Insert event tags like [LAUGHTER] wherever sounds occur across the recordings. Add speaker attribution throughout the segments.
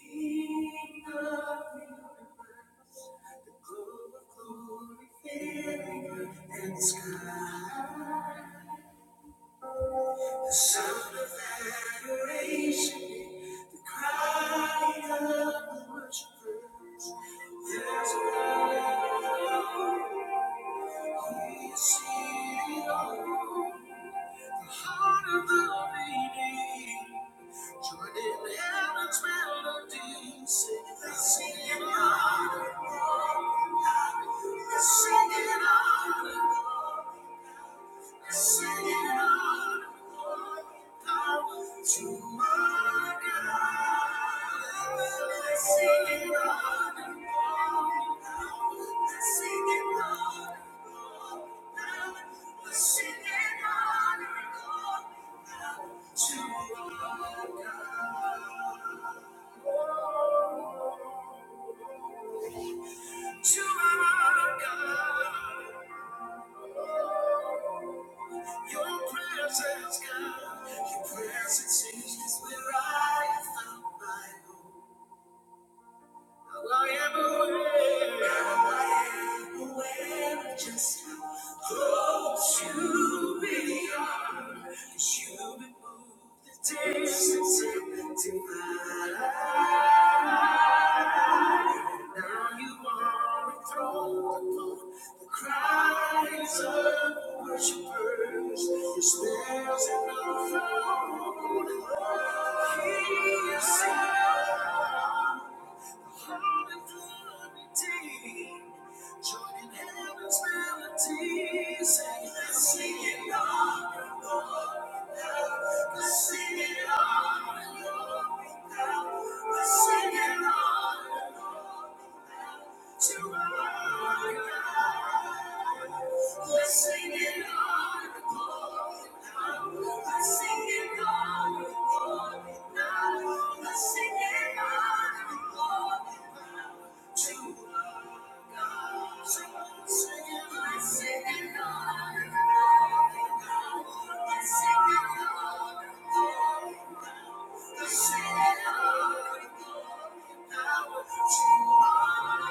Speaker 1: King of universe, the glow of glory filling earth and sky. The sound of adoration, the cry of the worshipers. There's a river, he is seated on the heart of the redeemed. Join heaven's melody, sing the singing of the Lord. Sing it on to our God. Your presence, God, your presence is where I found my home. Now I am aware, now I am aware of just how close you really are. 'Cause you remove the distance to my life. Now you are enthroned upon the cries of worshippers, Your spells are not found. He is seen. Heart and blood redeemed. Joining in heaven's melody, sing, sing it on and on. Let's Sing it on and on. Let's Sing it on and on. To our God. Let's sing it on and on. Let's sing it on and on. Let's sing it on and on. Thank you.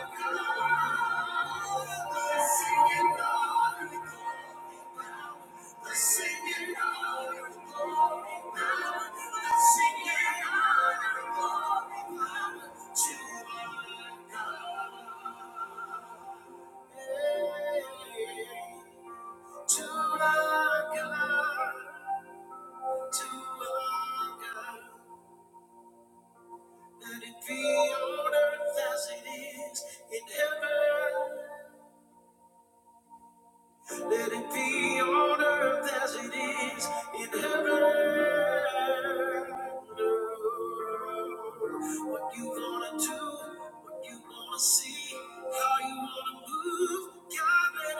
Speaker 1: Let it be on earth as it is in heaven. Let it be on earth as it is in heaven. What you wanna do, what you wanna see, how you wanna move, God, let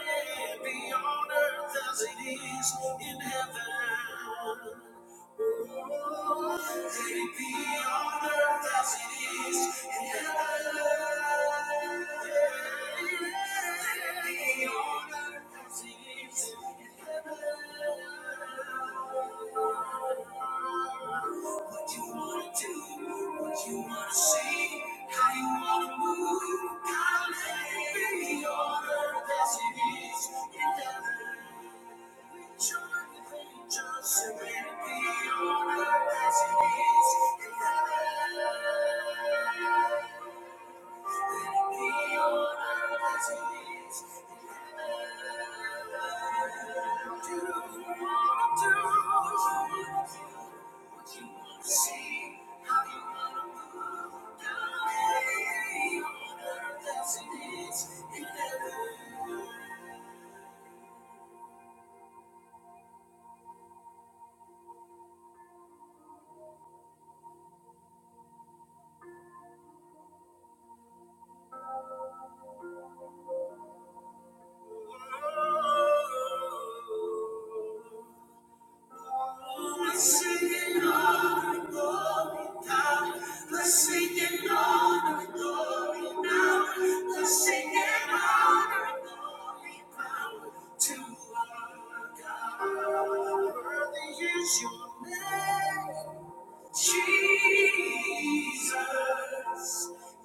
Speaker 1: it be on earth as it is in heaven. Let it be on earth as it is in heaven. Let it be on earth as it is in heaven. What you wanna do, what you wanna see, how you wanna move, God let it be on as it is in heaven. Reach your angels, so let it be on earth as it is in heaven. Thank you. honor honor honor and and and glory glory glory now. now. now to our God. Worthy is Your name, Jesus,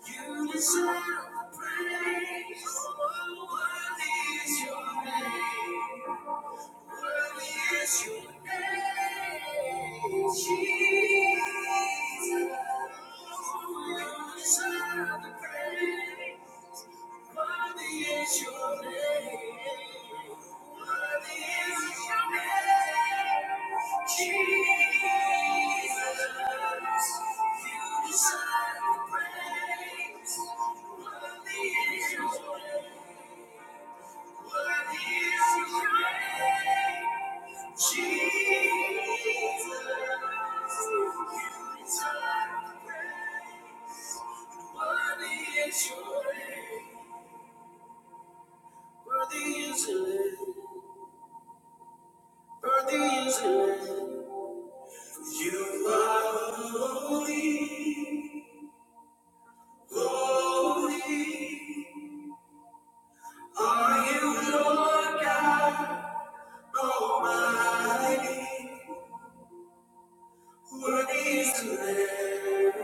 Speaker 1: you deserve the praise. Worthy is your name. Jesus, you deserve the praise. Worthy is your name. You are holy, holy are you, Lord Almighty. Worthy is the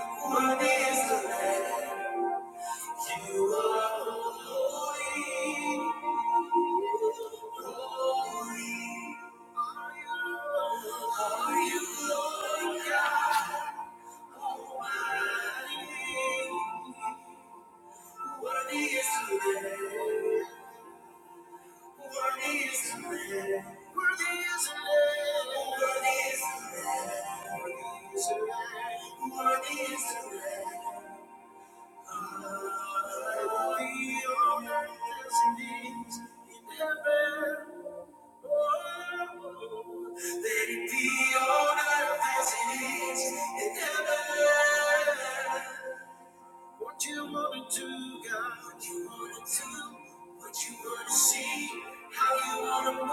Speaker 1: Lamb, worthy is the Lamb. You are holy, holy. Are you Lord God Almighty? Worthy is the Lamb. Worthy is the Lamb. Worthy is the Lamb. Worthy is the Lamb. Worthy is the Lamb. Worthy is the Lamb. What you wanna do, God? you wanna do? What you wanna see? How you wanna move? God,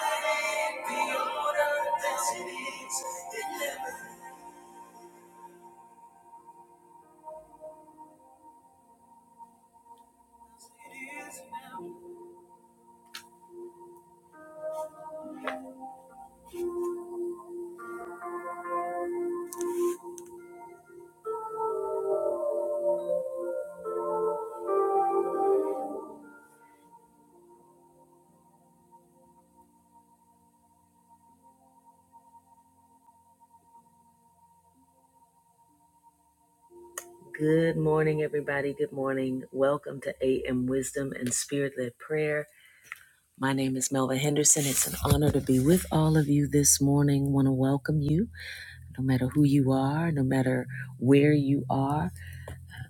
Speaker 1: let it be on earth as it is in heaven. Good morning, everybody. Good morning. Welcome to AM Wisdom and Spirit led Prayer. My name is Melva Henderson. It's an honor to be with all of you this morning. Want to welcome you, no matter who you are, no matter where you are,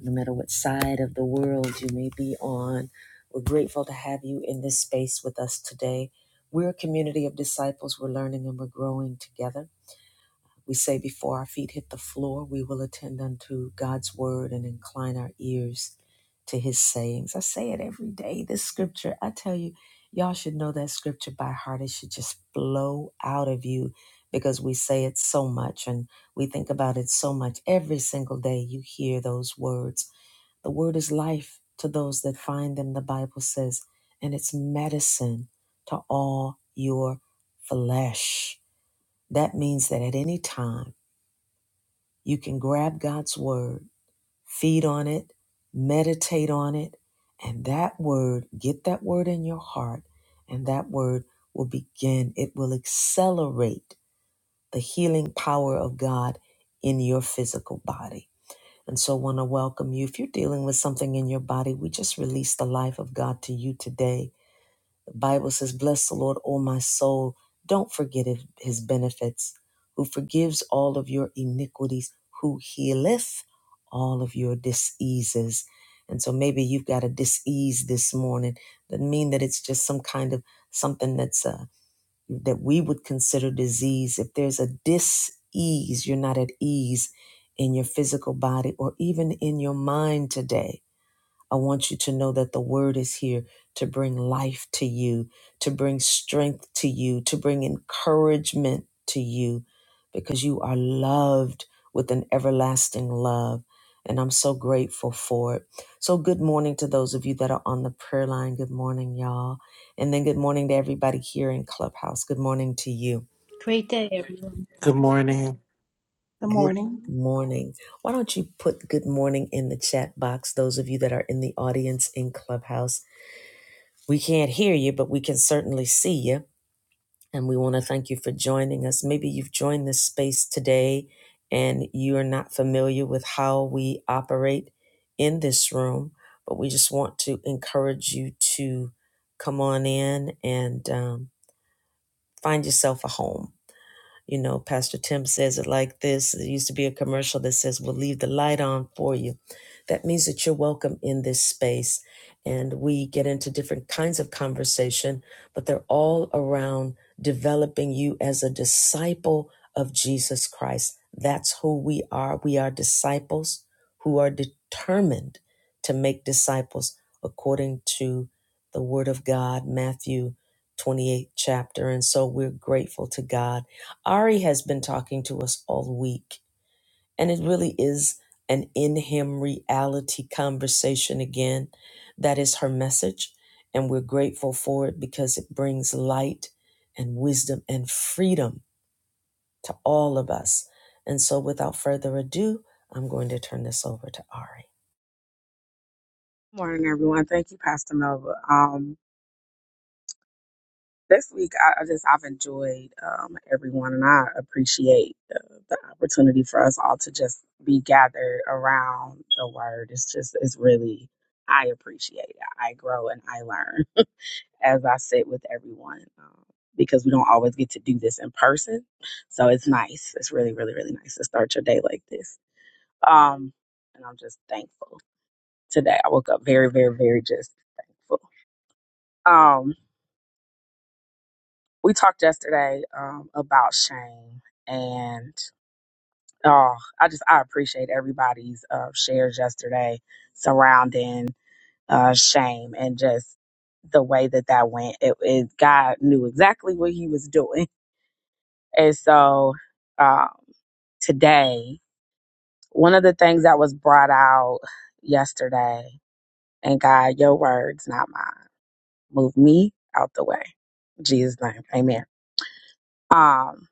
Speaker 1: no matter what side of the world you may be on. We're grateful to have you in this space with us today. We're a community of disciples. We're learning and we're growing together. We say before our feet hit the floor, we will attend unto God's word and incline our ears to his sayings. I say it every day. This scripture, I tell you, y'all should know that scripture by heart. It should just blow out of you because we say it so much and we think about it so much. Every single day you hear those words. The word is life to those that find them, the Bible says, and it's medicine to all your flesh. That means that at any time, you can grab God's word, feed on it, meditate on it, and that word, get that word in your heart, and that word will begin, it will accelerate the healing power of God in your physical body. And so, I want to welcome you. If you're dealing with something in your body, we just release the life of God to you today the Bible says, Bless the Lord, O my soul. Don't forget his benefits, who forgives all of your iniquities, who healeth all of your diseases. And so maybe you've got a disease this morning. Doesn't mean that it's just some kind of something that's uh, that we would consider disease. If there's a dis-ease, you're not at ease in your physical body or even in your mind today I want you to know that the word is here to bring life to you, to bring strength to you, to bring encouragement to you, because you are loved with an everlasting love. And I'm so grateful for it. So, good morning to those of you that are on the prayer line. Good morning, y'all. And then, good morning to everybody here in Clubhouse. Good morning to you.
Speaker 2: Great day, everyone.
Speaker 3: Good morning.
Speaker 4: Good
Speaker 1: Good
Speaker 4: morning.
Speaker 1: morning. Why don't you put good morning in the chat box, those of you that are in the audience in Clubhouse? We can't hear you, but we can certainly see you. And we want to thank you for joining us. Maybe you've joined this space today and you are not familiar with how we operate in this room, but we just want to encourage you to come on in and um, find yourself a home you know, Pastor Tim says it like this. There used to be a commercial that says, We'll leave the light on for you. That means that you're welcome in this space. And we get into different kinds of conversation, but they're all around developing you as a disciple of Jesus Christ. That's who we are. We are disciples who are determined to make disciples according to the Word of God, Matthew 28 chapter. And so we're grateful to God Ari has been talking to us all week, and it really is an in him reality conversation again. That is her message, and we're grateful for it because it brings light and wisdom and freedom to all of us. And so, without further ado, I'm going to turn this over to Ari.
Speaker 5: Morning, everyone. Thank you, Pastor Melva. Um, this week, I, I just I've enjoyed um, everyone, and I appreciate the, the opportunity for us all to just be gathered around the Word. It's just it's really I appreciate it. I grow and I learn [LAUGHS] as I sit with everyone um, because we don't always get to do this in person. So it's nice. It's really, really, really nice to start your day like this. Um, and I'm just thankful today. I woke up very, very, very just thankful. Um, we talked yesterday um, about shame and oh i just i appreciate everybody's uh, shares yesterday surrounding uh, shame and just the way that that went it, it god knew exactly what he was doing and so um, today one of the things that was brought out yesterday and god your words not mine move me out the way in jesus name amen um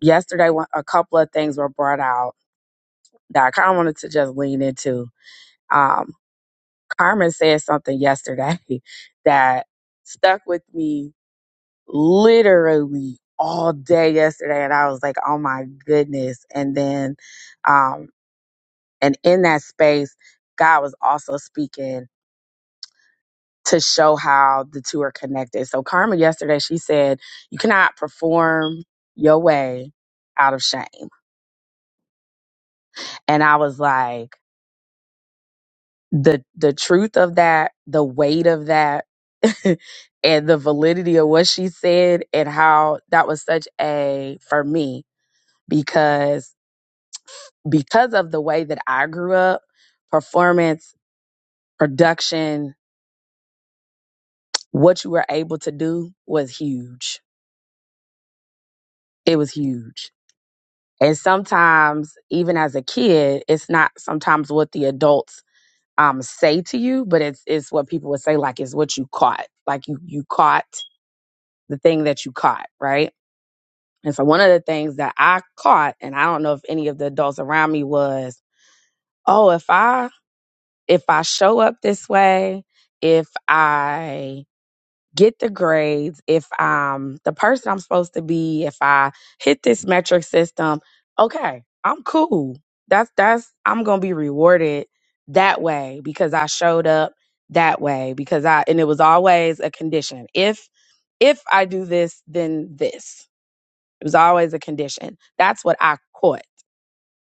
Speaker 5: yesterday when a couple of things were brought out that I kind of wanted to just lean into. Um, Carmen said something yesterday [LAUGHS] that stuck with me literally all day yesterday, and I was like, "Oh my goodness!" And then, um, and in that space, God was also speaking to show how the two are connected. So Carmen yesterday she said, "You cannot perform your way out of shame," and I was like. the the truth of that, the weight of that, [LAUGHS] and the validity of what she said and how that was such a for me because because of the way that I grew up, performance, production, what you were able to do was huge. It was huge. And sometimes even as a kid, it's not sometimes what the adults um say to you, but it's it's what people would say like it's what you caught. Like you you caught the thing that you caught, right? And so one of the things that I caught, and I don't know if any of the adults around me was, oh, if I if I show up this way, if I get the grades, if I'm the person I'm supposed to be, if I hit this metric system, okay, I'm cool. That's that's I'm gonna be rewarded that way because I showed up that way because I and it was always a condition. If if I do this, then this it was always a condition. That's what I caught.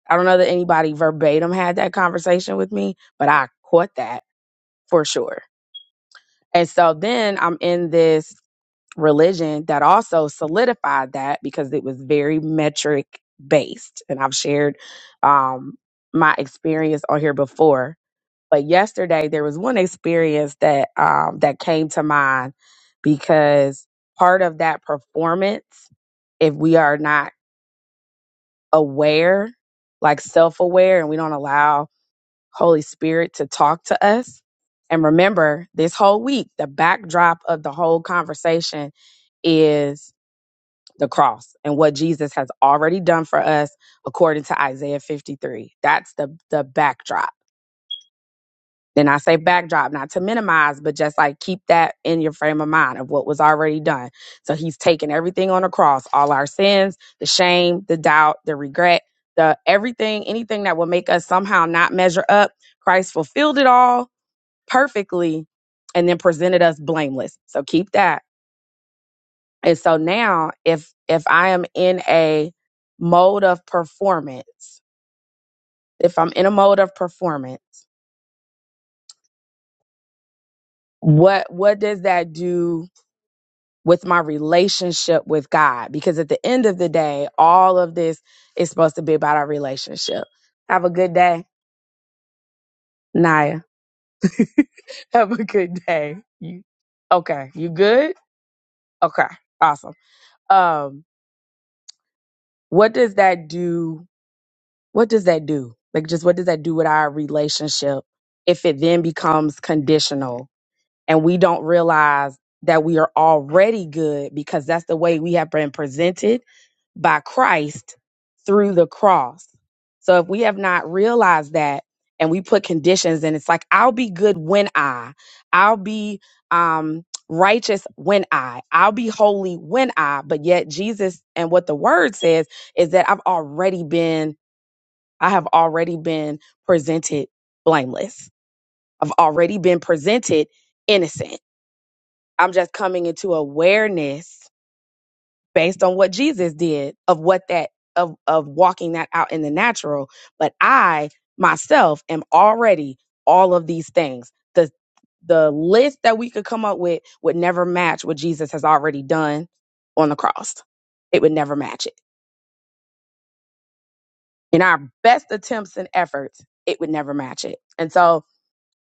Speaker 5: I don't know that anybody verbatim had that conversation with me, but I caught that for sure. And so then I'm in this religion that also solidified that because it was very metric based. And I've shared um, my experience on here before. But yesterday there was one experience that um, that came to mind because part of that performance, if we are not aware, like self aware, and we don't allow Holy Spirit to talk to us. And remember, this whole week, the backdrop of the whole conversation is the cross and what Jesus has already done for us according to Isaiah 53. That's the the backdrop. Then I say backdrop, not to minimize, but just like keep that in your frame of mind of what was already done. So he's taken everything on the cross, all our sins, the shame, the doubt, the regret, the everything, anything that will make us somehow not measure up. Christ fulfilled it all perfectly and then presented us blameless. So keep that. And so now if if I am in a mode of performance, if I'm in a mode of performance, what what does that do with my relationship with God. Because at the end of the day, all of this is supposed to be about our relationship. Have a good day, Naya. [LAUGHS] Have a good day. You okay? You good? Okay, awesome. Um, what does that do? What does that do? Like, just what does that do with our relationship if it then becomes conditional? and we don't realize that we are already good because that's the way we have been presented by Christ through the cross. So if we have not realized that and we put conditions and it's like I'll be good when I, I'll be um righteous when I, I'll be holy when I, but yet Jesus and what the word says is that I've already been I have already been presented blameless. I've already been presented innocent. I'm just coming into awareness based on what Jesus did of what that of of walking that out in the natural. But I myself am already all of these things. The the list that we could come up with would never match what Jesus has already done on the cross. It would never match it. In our best attempts and efforts, it would never match it. And so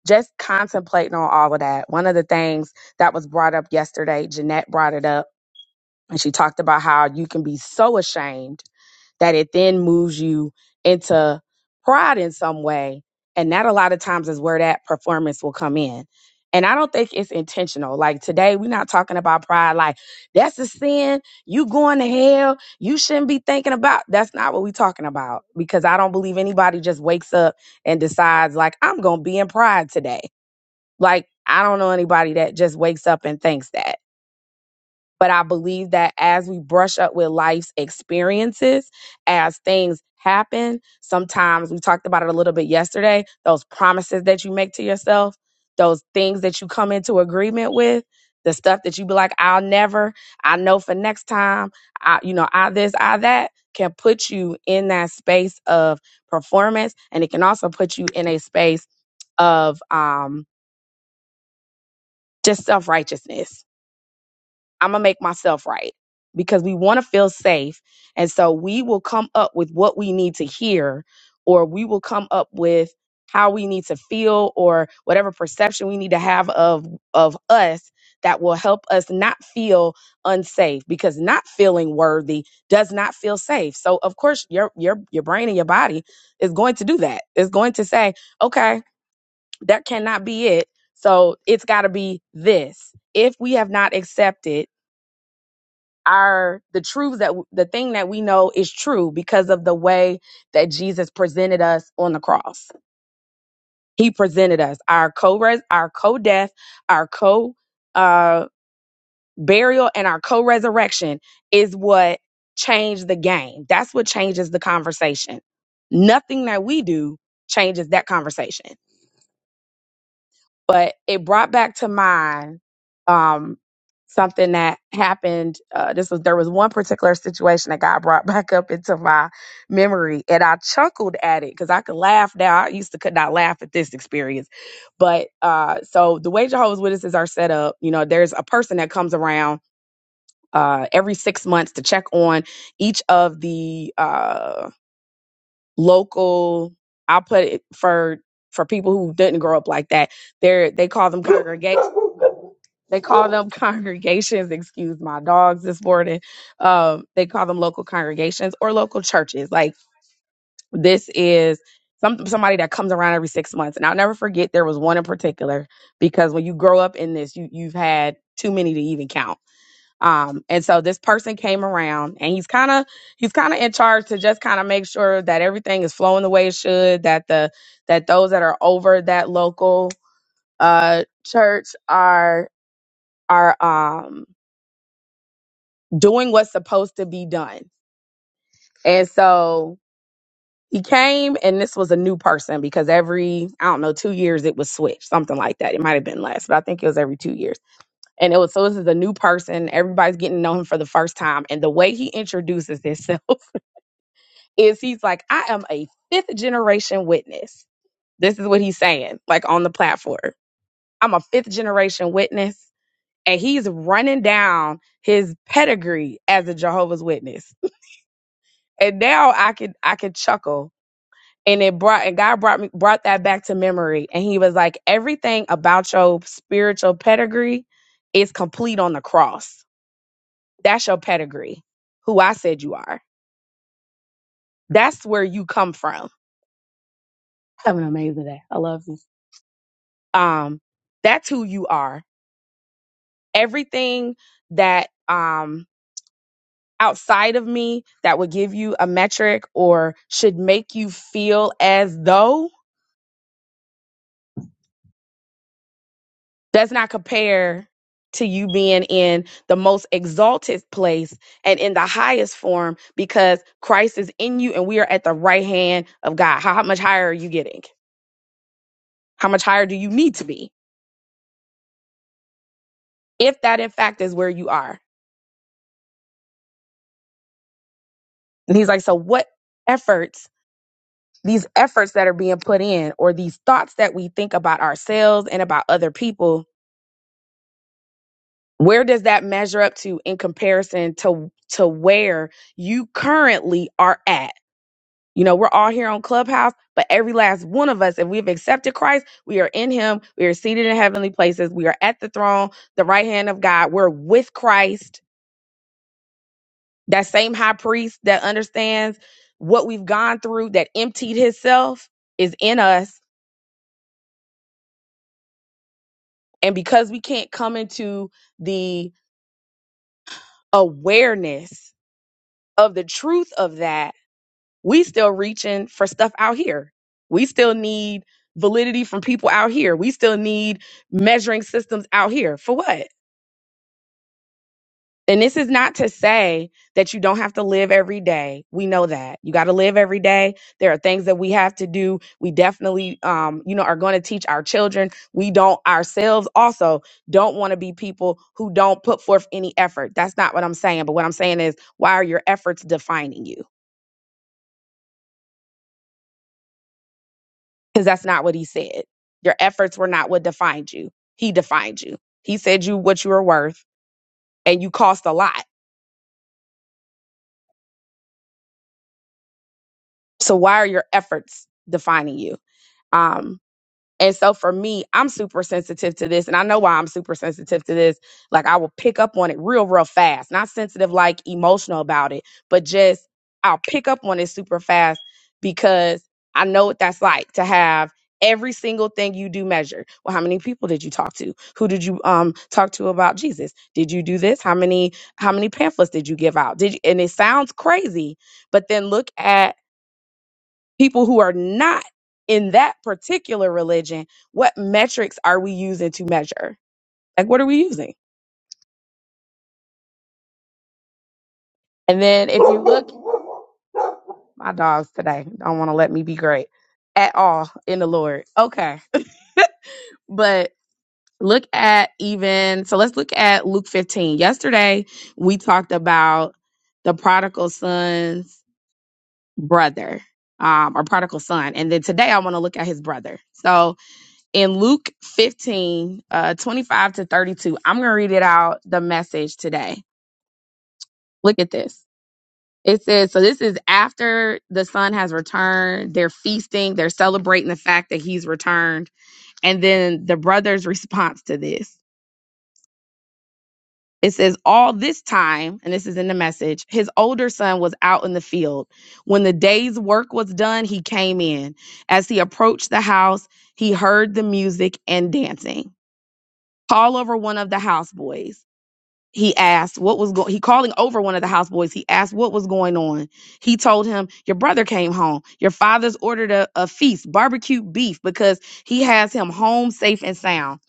Speaker 5: just contemplating on all of that. One of the things that was brought up yesterday, Jeanette brought it up And she talked about how you can be so ashamed that it then moves you into pride in some way. And that a lot of times is where that performance will come in. And I don't think it's intentional. Like today, we're not talking about pride like that's a sin. You going to hell. You shouldn't be thinking about. That's not what we're talking about. Because I don't believe anybody just wakes up and decides, like, I'm gonna be in pride today. Like, I don't know anybody that just wakes up and thinks that. But I believe that as we brush up with life's experiences, as things happen, sometimes we talked about it a little bit yesterday, those promises that you make to yourself, those things that you come into agreement with, the stuff that you be like, I'll never, I know for next time, I, you know, I this, I that can put you in that space of performance. And it can also put you in a space of um, just self righteousness I'm gonna make myself right because we want to feel safe. And so we will come up with what we need to hear, or we will come up with how we need to feel or whatever perception we need to have of of us that will help us not feel unsafe because not feeling worthy does not feel safe. So of course your your your brain and your body is going to do that. It's going to say, "Okay, that cannot be it. So it's got to be this." If we have not accepted our the truth that the thing that we know is true because of the way that Jesus presented us on the cross. He presented us our co our co death, our co uh, burial, and our co resurrection is what changed the game. That's what changes the conversation. Nothing that we do changes that conversation. but it brought back to mind um, something that happened. Uh, this was there was one particular situation that God brought [LAUGHS] back up into my memory, and I chuckled at it because I could laugh now. I used to could not laugh at this experience, but uh, so the way Jehovah's Witnesses are set up, you know, there's a person that comes around uh, every six months to check on each of the uh, local. I'll put it for for people who didn't grow up like that. They're they call them congregations they call them [LAUGHS] congregations. Excuse my dogs this morning. Um, they call them local congregations or local churches. Like this is some somebody that comes around every six months. And I'll never forget there was one in particular because when you grow up in this, you you've had too many to even count. Um, and so this person came around and he's kind of he's kind of in charge to just kind of make sure that everything is flowing the way it should, that the that those that are over that local uh church are are um doing what's supposed to be done. And so he came, and this was a new person because every, I don't know, two years it was switched, something like that. It might have been less, but I think it was every two years. And it was, so this is a new person. Everybody's getting to know him for the first time. And the way he introduces himself [LAUGHS] is he's like, I am a fifth generation witness. This is what he's saying, like on the platform. I'm a fifth generation witness. And he's running down his pedigree as a Jehovah's Witness and now I could I could chuckle. And it brought and God brought me brought that back to memory. And he was like, everything about your spiritual pedigree is complete on the cross. That's your pedigree, who I said you are. That's where you come from. Have an amazing day. I love you. Um, that's who you are. Everything that um outside of me that would give you a metric or should make you feel as though does not compare to you being in the most exalted place and in the highest form because Christ is in you and we are at the right hand of God. How, how much higher are you getting? How much higher do you need to be if that in fact is where you are? And he's like, so what efforts, these efforts that are being put in or these thoughts that we think about ourselves and about other people, where does that measure up to in comparison to to where you currently are at? You know, we're all here on Clubhouse, but every last one of us, if we've accepted Christ, we are in Him. We are seated in heavenly places. We are at the throne, the right hand of God. We're with Christ, that same high priest that understands what we've gone through, that emptied Himself, is in us. And because we can't come into the awareness of the truth of that, we still reaching for stuff out here. We still need validity from people out here. We still need measuring systems out here. For what? And this is not to say that you don't have to live every day. We know that. You got to live every day. There are things that we have to do. We definitely um you know are going to teach our children. We don't ourselves also don't want to be people who don't put forth any effort. That's not what I'm saying, but what I'm saying is why are your efforts defining you? because that's not what he said. Your efforts were not what defined you. He defined you. He said you what you were worth, and you cost a lot. So why are your efforts defining you? Um, And so for me, I'm super sensitive to this. And I know why I'm super sensitive to this. Like I will pick up on it real, real fast. Not sensitive, like emotional about it, but just I'll pick up on it super fast because I know what that's like to have every single thing you do measured. Well, how many people did you talk to? Who did you um talk to about Jesus? Did you do this? How many how many pamphlets did you give out? Did you, and it sounds crazy, but then look at people who are not in that particular religion, what metrics are we using to measure? Like, what are we using? And then if you look, my dogs today don't want to let me be great at all in the Lord. Okay. [LAUGHS] But look at even, so let's look at Luke 15. Yesterday, we talked about the prodigal son's brother um, or prodigal son. And then today, I want to look at his brother. So, in Luke 15, uh, 25 to 32. I'm going to read it out the message today. Look at this. It says, so this is after the son has returned. They're feasting, they're celebrating the fact that he's returned. And then the brother's [LAUGHS] response to this it says, All this time, and this is in the message, his older son was out in the field. When the day's work was done, he came in. As he approached the house, he heard the music and dancing. Call over one of the houseboys he asked what was going he calling over one of the houseboys he asked what was going on he told him your brother came home your father's ordered a, a feast barbecue beef because he has him home safe and sound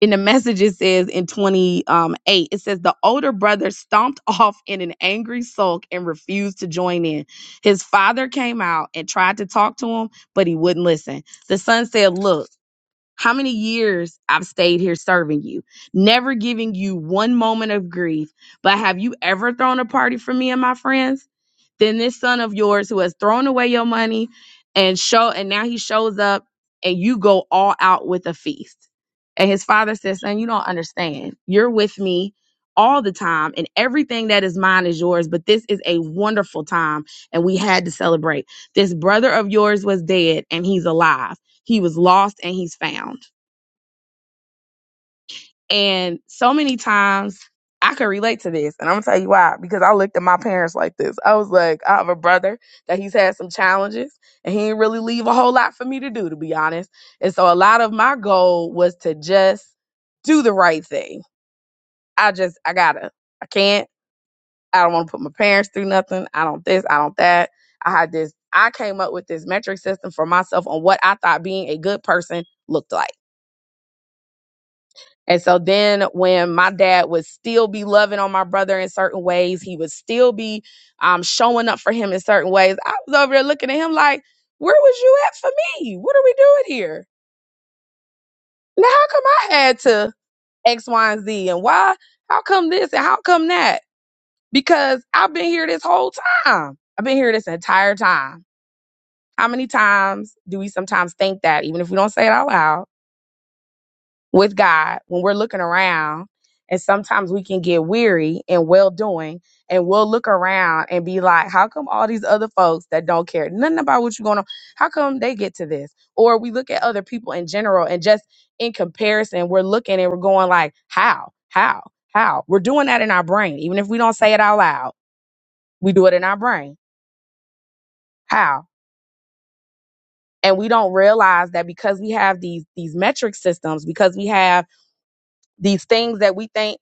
Speaker 5: in the message it says in 28 it says the older brother stomped [LAUGHS] off in an angry sulk and refused to join in his father came out and tried to talk to him but he wouldn't listen the son said look how many years I've stayed here serving you, never giving you one moment of grief. But have you ever thrown a party for me and my friends? Then this son of yours who has thrown away your money and show and now he shows up and you go all out with a feast. And his father says, Son, you don't understand. You're with me all the time, and everything that is mine is yours. But this is a wonderful time, and we had to celebrate. This brother of yours was dead, and he's alive he was lost and he's found. And so many times I could relate to this. And I'm going to tell you why. Because I looked at my parents like this. I was like, I have a brother that he's had some challenges and he didn't really leave a whole lot for me to do, to be honest. And so a lot of my goal was to just do the right thing. I just, I gotta, I can't. I don't want to put my parents through nothing. I don't this, I don't that. I had this, I came up with this metric system for myself on what I thought being a good person looked like. And so then when my dad would still be loving on my brother in certain ways, he would still be um, showing up for him in certain ways. I was over there looking at him like, where was you at for me? What are we doing here? Now, how come I had to X, Y, and Z? And why? How come this and how come that? Because I've been here this whole time. I've been here this entire time. How many times do we sometimes think that, even if we don't say it out loud? with God when we're looking around. And sometimes we can get weary and well doing, and we'll look around and be like, how come all these other folks that don't care nothing about what you're going on, how come they get to this? Or we look at other people in general and just in comparison, we're looking and we're going like, how, how, how? We're doing that in our brain. Even if we don't say it out loud, we do it in our brain. How? And we don't realize that because we have these these metric systems, because we have these things that we think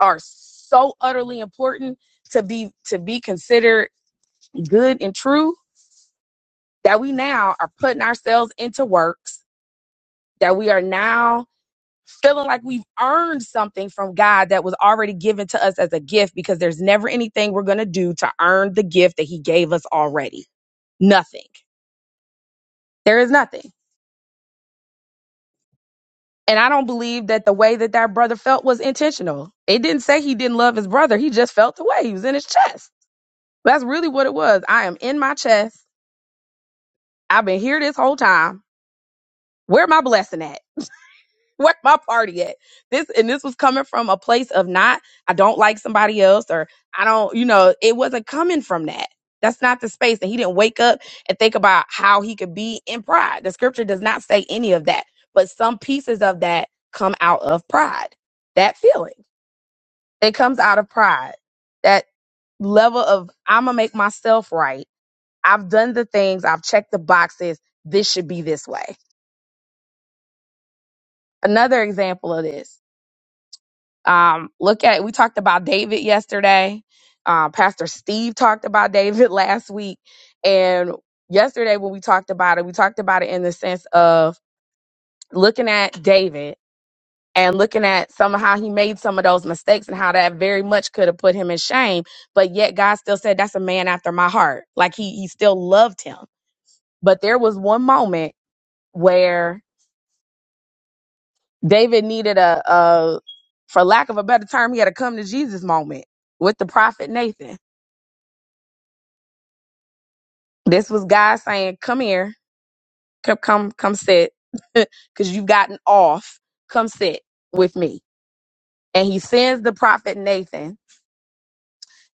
Speaker 5: are so utterly important to be to be considered good and true that we now are putting ourselves into works that we are now feeling like we've earned something from God that was already given to us as a gift because there's never anything we're going to do to earn the gift that he gave us already nothing there is nothing and I don't believe that the way that that brother felt was intentional. It didn't say he didn't love his brother. He just felt the way. He was in his chest. That's really what it was. I am in my chest. I've been here this whole time. Where my blessing at? [LAUGHS] Where my party at? This and this was coming from a place of not I don't like somebody else or I don't, you know, it wasn't coming from that. That's not the space. And he didn't wake up and think about how he could be in pride. The scripture does not say any of that, but some pieces of that come out of pride. That feeling. It comes out of pride. That level of I'm gonna make myself right. I've done the things, I've checked the boxes. This should be this way another example of this. Um, look at we talked about David yesterday. Uh, Pastor Steve talked about David [LAUGHS] last week, and yesterday when we talked about it, we talked about it in the sense of looking at David and looking at some of how he made some of those mistakes and how that very much could have put him in shame, but yet God still said that's a man after my heart. Like he he still loved him, but there was one moment where David needed a, a, for lack of a better term, he had a come to Jesus moment with the prophet Nathan. This was God saying, "Come here, come, come, come sit, [LAUGHS] because you've gotten off. Come sit with me." And he sends the prophet Nathan,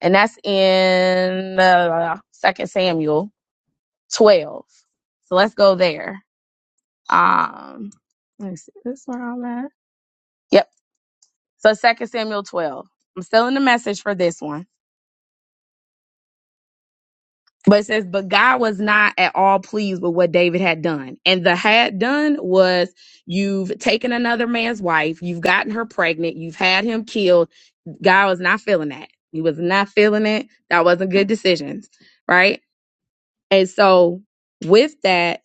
Speaker 5: and that's in uh, Second Samuel twelve. So let's go there. Um, let me see. This where I'm at. Yep. So Second Samuel twelve. I'm still in the message for this one. But it says, but God was not at all pleased with what David had done. And the had done was you've taken another man's wife, you've gotten her pregnant, you've had him killed. God was not feeling that. He was not feeling it. That wasn't good decisions. Right. And so with that,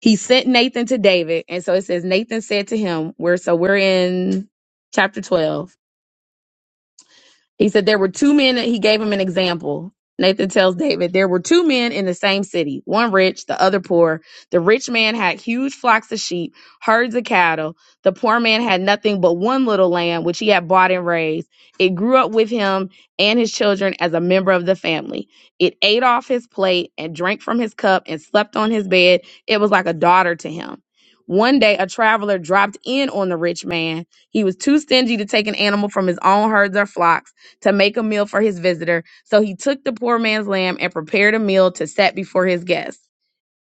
Speaker 5: he sent Nathan to David. And so it says, Nathan said to him, We're so we're in chapter 12 He said there were two men that he gave him an example. Nathan tells David, there were two men in the same city, one rich, the other poor. The rich man had huge flocks of sheep, herds of cattle. The poor man had nothing but one little lamb, which he had bought and raised. It grew up with him and his children as a member of the family. It ate off his plate and drank from his cup and slept on his bed. It was like a daughter to him. One day, a traveler dropped in on the rich man. He was too stingy to take an animal from his own herds or flocks to make a meal for his visitor. So he took the poor man's lamb and prepared a meal to set before his guests.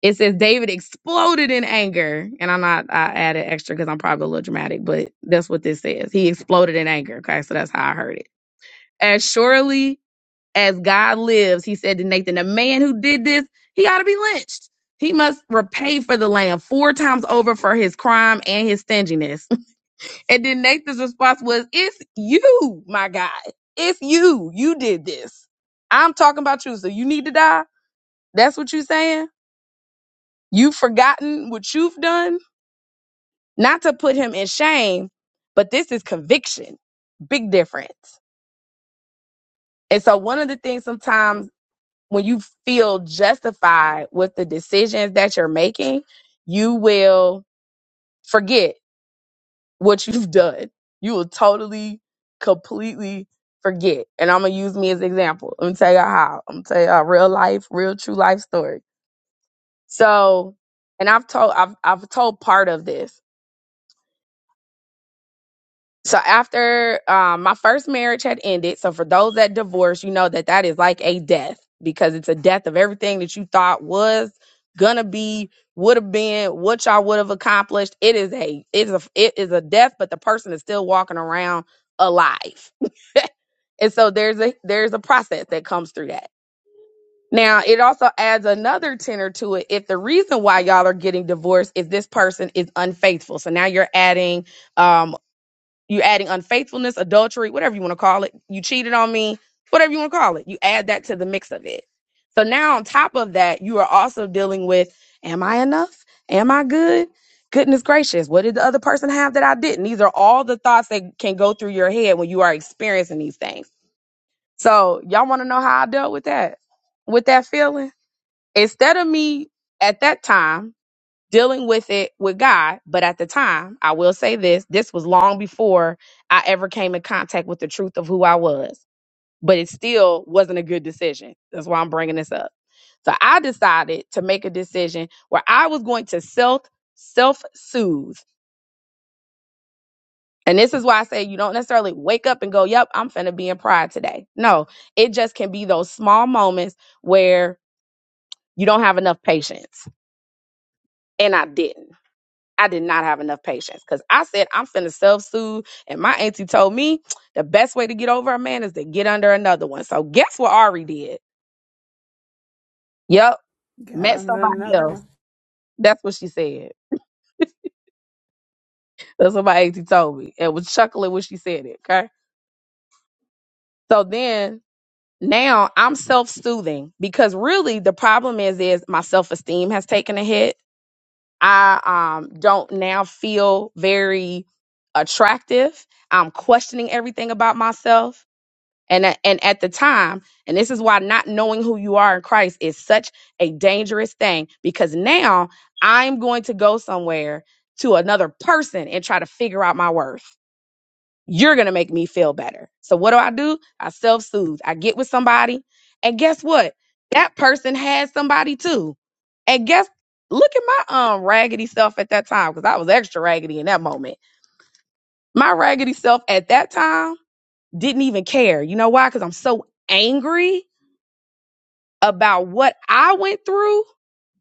Speaker 5: It says David exploded in anger. And I'm not, I added extra because I'm probably a little dramatic, but that's what this says. He exploded in anger. Okay. So that's how I heard it. As surely as God lives, he said to Nathan, the man who did this, he ought to be lynched. He must repay for the lamb four times over for his crime and his stinginess. And then Nathan's response was, It's you, my guy. It's you. You did this. I'm talking about you. So you need to die? That's what you're saying? You've forgotten what you've done? Not to put him in shame, but this is conviction. Big difference. And so one of the things sometimes when you feel justified with the decisions that you're making, you will forget what you've done. You will totally, completely forget. And I'm gonna use me as an example. Let me tell y'all how. I'm gonna tell y'all a real life, real true life story. So, and I've told I've I've told part of this. so after um, my first marriage had ended so for those that divorce you know that that is like a death because it's a death of everything that you thought was gonna be would have been what y'all would have accomplished it is a it is a it is a death but the person is still walking around alive [LAUGHS] and so there's a there's a process that comes through that now it also adds another tenor to it if the reason why y'all are getting divorced is this person is unfaithful so now you're adding um, you are adding unfaithfulness, adultery, whatever you want to call it. You cheated on me, whatever you want to call it. You add that to the mix of it. So now on top of that, you are also dealing with am I enough? Am I good? Goodness gracious, what did the other person have that I didn't? These are all the thoughts that can go through your head when you are experiencing these things. So y'all want to know how I dealt with that? With that feeling? Instead of me at that time dealing with it with God. But at the time, I will say this this was long before I ever came in contact with the truth of who I was. But it still wasn't a good decision. That's why I'm bringing this up. So I decided to make a decision where I was going to self self soothe. And this is why I say you don't necessarily wake up and go, "Yep, I'm finna be in pride today." No, it just can be those small moments where you don't have enough patience, and I didn't. I did not have enough patience because I said I'm finna self soothe, and my auntie told me the best way to get over a man is to get under another one. So guess what Ari did? Yep,
Speaker 6: Got
Speaker 5: met
Speaker 6: under
Speaker 5: somebody
Speaker 6: another
Speaker 5: else.
Speaker 6: one.
Speaker 5: That's what she said. [LAUGHS] That's what my auntie told me, and was chuckling when she said it. Okay, so then now I'm self soothing because really the problem is is my self esteem has taken a hit. I um don't now feel very attractive. I'm questioning everything about myself And, a- and at the time, and this is why not knowing who you are in Christ is such a dangerous thing because now I'm going to go somewhere to another person and try to figure out my worth. You're going to make me feel better. So what do I do? I self soothe. I get with somebody. And guess what? That person has somebody too. And guess, look at my um raggedy self at that time because I was extra raggedy in that moment. My raggedy self at that time didn't even care. You know why? Because I'm so angry about what I went through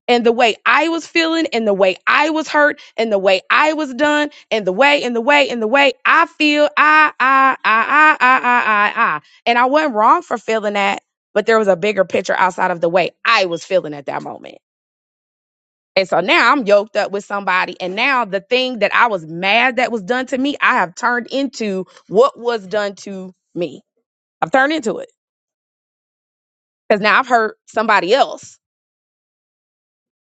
Speaker 5: and the way I was feeling and the way I was hurt and the way I was done and the way and the way and the way I feel. I, I, I, I, I, I, I, I. And I wasn't wrong for feeling that, but there was a bigger picture outside of the way I was feeling at that moment. And so now I'm yoked up with somebody. And now the thing that I was mad that was done to me, I have turned into what was done to me. I've turned into it. Because now I've hurt somebody else.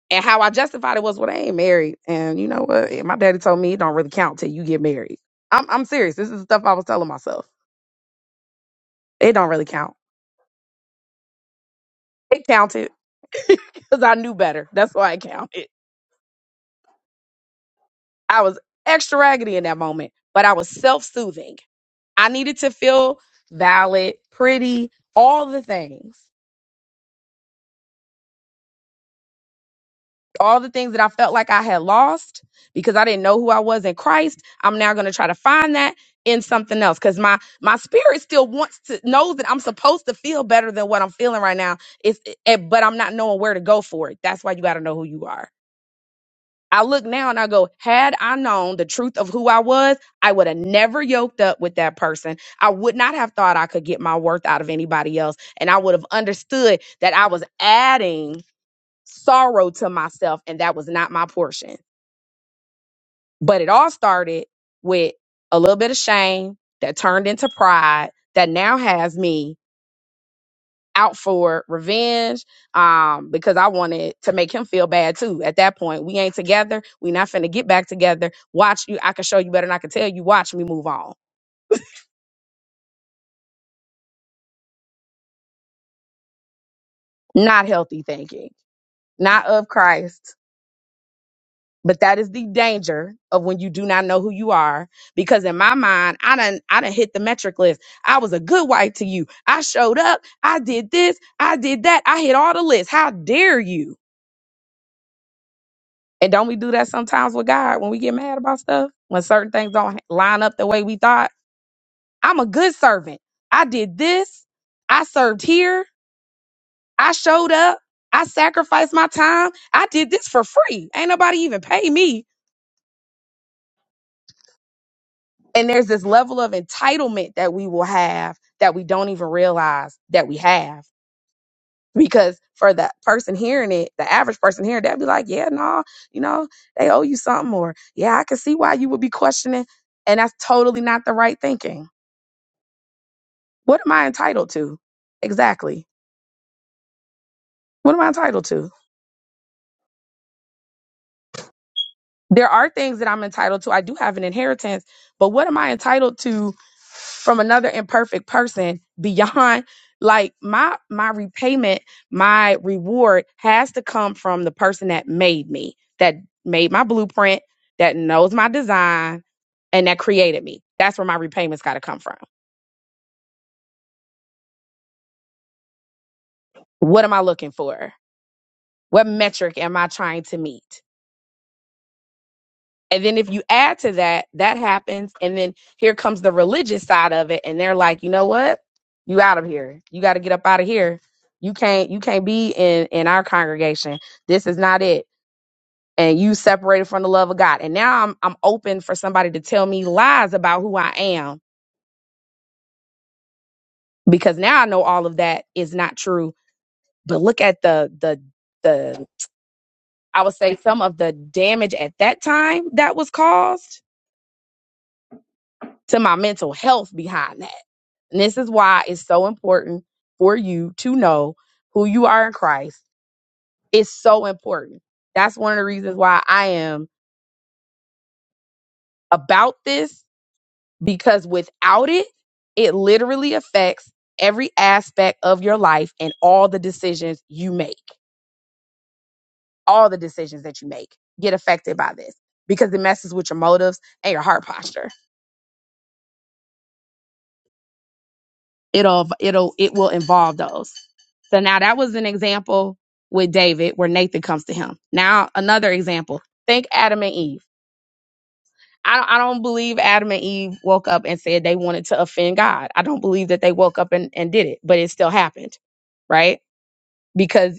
Speaker 5: And how I justified it was, well, they ain't married. And you know what? my daddy told me it don't really count till you get married. I'm, I'm serious. This is the stuff I was telling myself. It don't really count. It counted because I knew better. That's why it counted. I was extra raggedy in that moment, but I was self soothing. I needed to feel valid, pretty, all the things. all the things that I felt like I had lost because I didn't know who I was in Christ. I'm now going to try to find that in something else because my my spirit still wants to knows that I'm supposed to feel better than what I'm feeling right now. It's it, eh, but I'm not knowing where to go for it. That's why you got to know who you are. I look now and I go, had I known the truth of who I was, I would have never yoked up with that person. I would not have thought I could get my worth out of anybody else. And I would have understood that I was adding sorrow to myself, and that was not my portion. But it all started with a little bit of shame that turned into pride that now has me out for revenge um because I wanted to make him feel bad too at that point we ain't together we not finna get back together watch you I can show you better than I can tell you watch me move on not healthy thinking not of Christ But that is the danger of when you do not know who you are. Because in my mind, I done I done hit the metric list. I was a good wife to you. I showed up. I did this. I did that. I hit all the lists. How dare you? And don't we do that sometimes with God when we get mad about stuff? When certain things don't line up the way we thought. I'm a good servant. I did this. I served here. I showed up. I sacrificed my time. I did this for free. Ain't nobody even pay me And there's this level of entitlement that we will have that we don't even realize that we have. Because for the person hearing it, the average person hearing, they'll be like, yeah, no, you know, they owe you something, or yeah, I can see why you would be questioning. And that's totally not the right thinking. What am I entitled to? Exactly. What am I entitled to? There are things that I'm entitled to. I do have an inheritance, but what am I entitled to from another imperfect person [LAUGHS] beyond like my my repayment, my reward has to come from the person that made me, that made my blueprint, that knows my design, and that created me. That's where my repayments got to come from. What am I looking for? What metric am I trying to meet? And then if you add to that, that happens. And then here comes the religious side of it. And they're like, you know what? You out of here. You got to get up out of here. You can't you can't be in in our congregation. This is not it. And you separated from the love of God. And now I'm I'm open for somebody to tell me lies about who I am because now I know all of that is not true. But look at the the the I would say some of the damage at that time that was caused to my mental health behind that. And this is why it's so important for you to know who you are in Christ. It's so important. That's one of the reasons why I am about this because without it, it literally affects every aspect of your life and all the decisions you make. All the decisions that you make get affected by this because it messes with your motives and your heart posture. it'll it'll it will involve those. So now that was an example with David where Nathan comes to him. Now another example. Think Adam and Eve. I don't, I don't believe Adam and Eve woke up and said they wanted to offend God. I don't believe that they woke up and, and did it, but it still happened, right? Because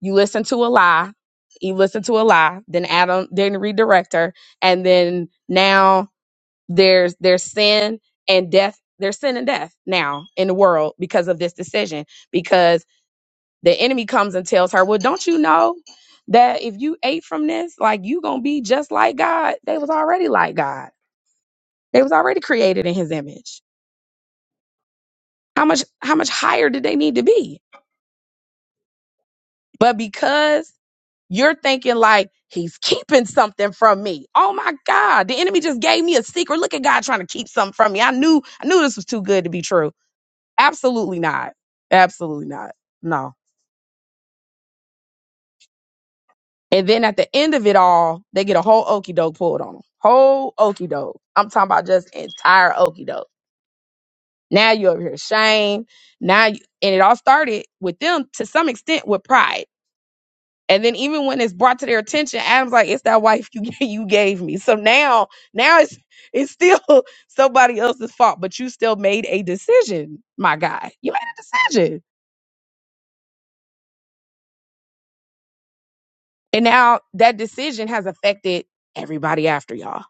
Speaker 5: you listen to a lie, you listen to a lie, then Adam didn't redirect her, and then now there's there's sin and death there's sin and death now in the world because of this decision because the enemy comes and tells her well don't you know that if you ate from this like you gonna be just like god they was already like god they was already created in his image how much how much higher did they need to be but because you're thinking like he's keeping something from me oh my god the enemy just gave me a secret look at god trying to keep something from me i knew i knew this was too good to be true Absolutely not. Absolutely not. No. And then at the end of it all, they get a whole okey doke pulled on them. Whole okey doke. I'm talking about just entire okey doke. Now you over here shame. Now you, and it all started with them to some extent with pride. And then even when it's brought to their attention, Adam's like, "It's that wife you [LAUGHS] you gave me." So now, now it's it's still [LAUGHS] somebody else's fault, but you still made a decision, my guy. You made a decision And now that decision has affected everybody after y'all.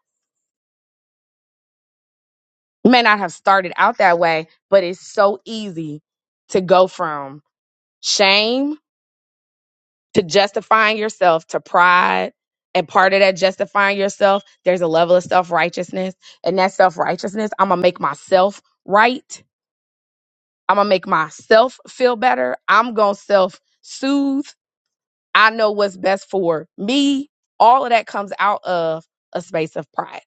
Speaker 5: You may not have started out that way, but it's so easy to go from shame to justifying yourself to pride. And part of that justifying yourself, there's a level of self righteousness. And that self righteousness, I'm going to make myself right. I'm going to make myself feel better. I'm going to self soothe. I know what's best for me. All of that comes out of a space of pride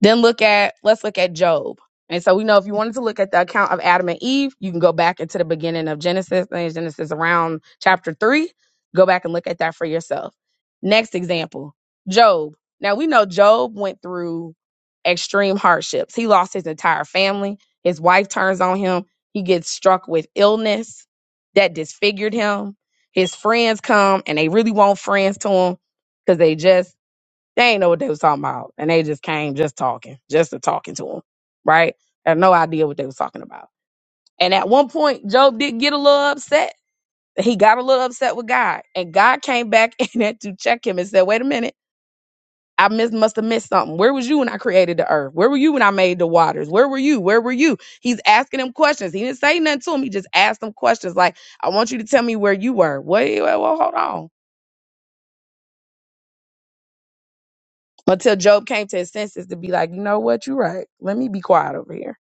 Speaker 5: Then look at let's look at Job. And so we know if you wanted to look at the account of Adam and Eve, you can go back into the beginning of Genesis, I think it's Genesis around chapter three. Go back and look at that for yourself. Next example, Job. Now we know Job went through extreme hardships. He lost his entire family. His wife turns on him. He gets struck with illness that disfigured him. His friends come and they really want friends to him because they just they ain't know what they was talking about, and they just came just talking, just to talking to him, right? Had no idea what they was talking about. And at one point, Job did get a little upset. He got a little upset with God, and God came back [LAUGHS] and had to check him and said, "Wait a minute." I miss, must have missed something. Where was you when I created the earth? Where were you when I made the waters? Where were you? Where were you? He's asking him questions. He didn't say nothing to him. He just asked him questions like, I want you to tell me where you were. Wait, well, well, hold on until Job came to his senses to be like, you know what, you're right. Let me be quiet over here.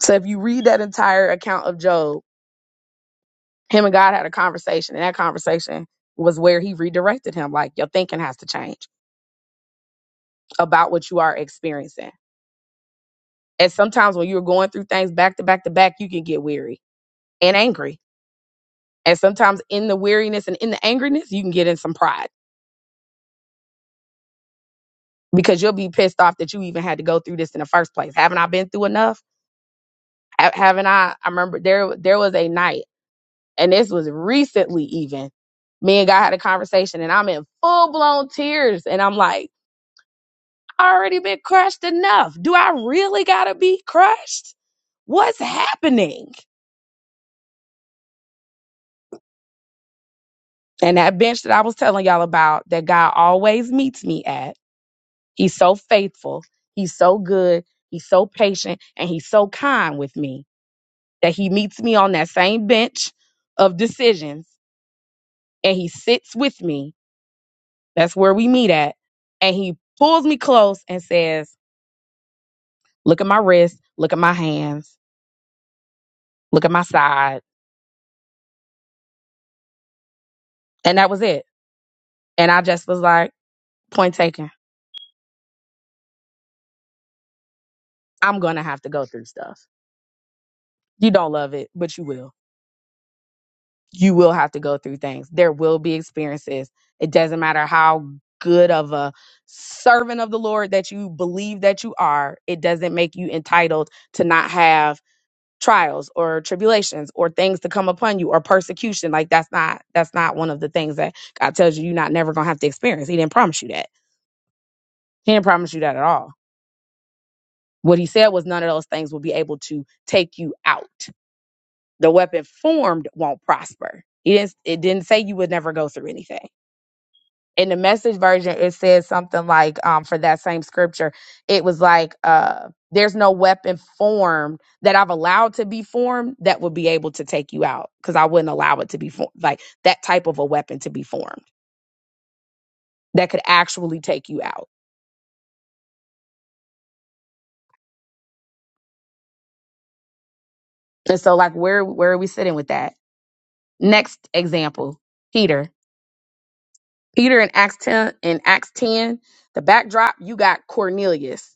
Speaker 5: So if you read that entire account of Job, him and God had a conversation, and that conversation was where he redirected him. Like, your thinking has to change about what you are experiencing. And sometimes when you're going through things back to back to back, you can get weary and angry. And sometimes in the weariness and in the angriness, you can get in some pride because you'll be pissed off that you even had to go through this in the first place. Haven't I been through enough? Ha- Haven't I? I remember there there was a night. and this was recently even me and God had a conversation and I'm in full blown tears and I'm like, I already been crushed enough. Do I really gotta be crushed? What's happening? And that bench that I was telling y'all about that God always meets me at, he's so faithful, he's so good, he's so patient, and he's so kind with me that he meets me on that same bench of decisions and he sits with me That's where we meet at. And he pulls me close and says, Look at my wrist, look at my hands, look at my side. And that was it. And I just was like, Point taken. I'm going to have to go through stuff. You don't love it, but you will. You will have to go through things. There will be experiences. It doesn't matter how good of a servant of the Lord that you believe that you are, it doesn't make you entitled to not have trials or tribulations or things to come upon you or persecution like that's not that's not one of the things that god tells you you're not never gonna have to experience he didn't promise you that he didn't promise you that at all what he said was none of those things will be able to take you out the weapon formed won't prosper he didn't it didn't say you would never go through anything in the message version it says something like um for that same scripture it was like uh there's no weapon formed that i've allowed to be formed that would be able to take you out because i wouldn't allow it to be formed like that type of a weapon to be formed that could actually take you out and so like where where are we sitting with that next example peter Peter in Acts 10 in Acts 10, the backdrop, you got Cornelius,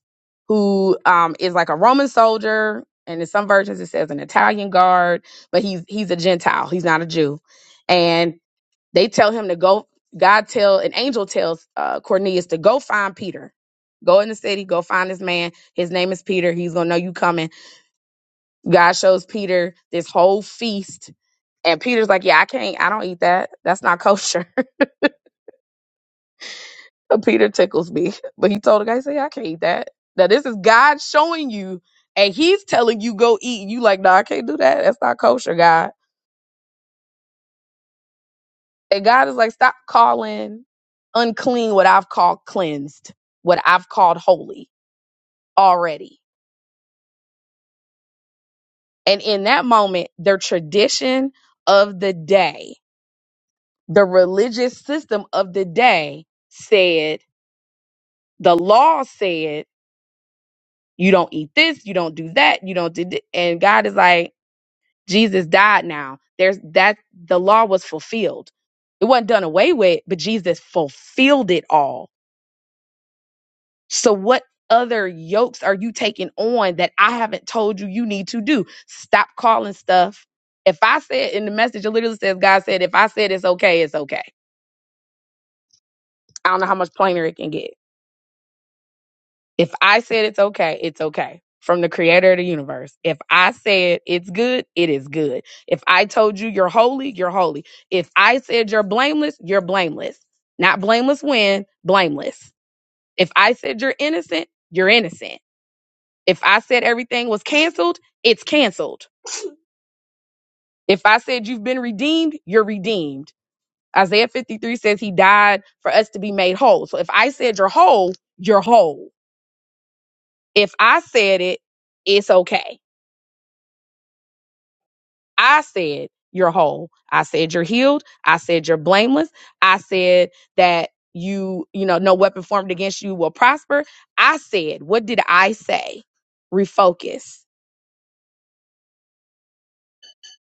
Speaker 5: who um is like a Roman soldier, and in some versions it says an Italian guard, but he's he's a Gentile, he's not a Jew. And they tell him to go, God tell an angel tells uh Cornelius to go find Peter. Go in the city, go find this man. His name is Peter. He's gonna know you coming. God shows Peter this whole feast and Peter's like, yeah, I can't, I don't eat that. That's not kosher. [LAUGHS] [LAUGHS] Peter tickles me. But he told the guy, he said, "Yeah, I can't eat that. Now this is God showing you and he's telling you go eat. And you like, no, nah, I can't do that. That's not kosher, God. And God is like, stop calling unclean what I've called cleansed, what I've called holy already. And in that moment, their tradition of the day, the religious system of the day said, the law said, you don't eat this, you don't do that, you don't do thi-" And God is like, Jesus died now. There's that the law was fulfilled. It wasn't done away with, but Jesus fulfilled it all. So what other yokes are you taking on that I haven't told you you need to do? Stop calling stuff. If I said in the message, it literally says God said, if I said it's okay, it's okay. I don't know how much plainer it can get. If I said it's okay, it's okay. From the creator of the universe. If I said it's good, it is good. If I told you you're holy, you're holy. If I said you're blameless, you're blameless. Not blameless when, blameless. If I said you're innocent, you're innocent. If I said everything was canceled, it's canceled. If I said you've been redeemed, you're redeemed. Isaiah 53 says he died for us to be made whole. So if I said you're whole, you're whole. If I said it, it's okay I said you're whole. I said you're healed. I said you're blameless. I said that you, you know, no weapon formed against you will prosper. I said, what did I say? Refocus.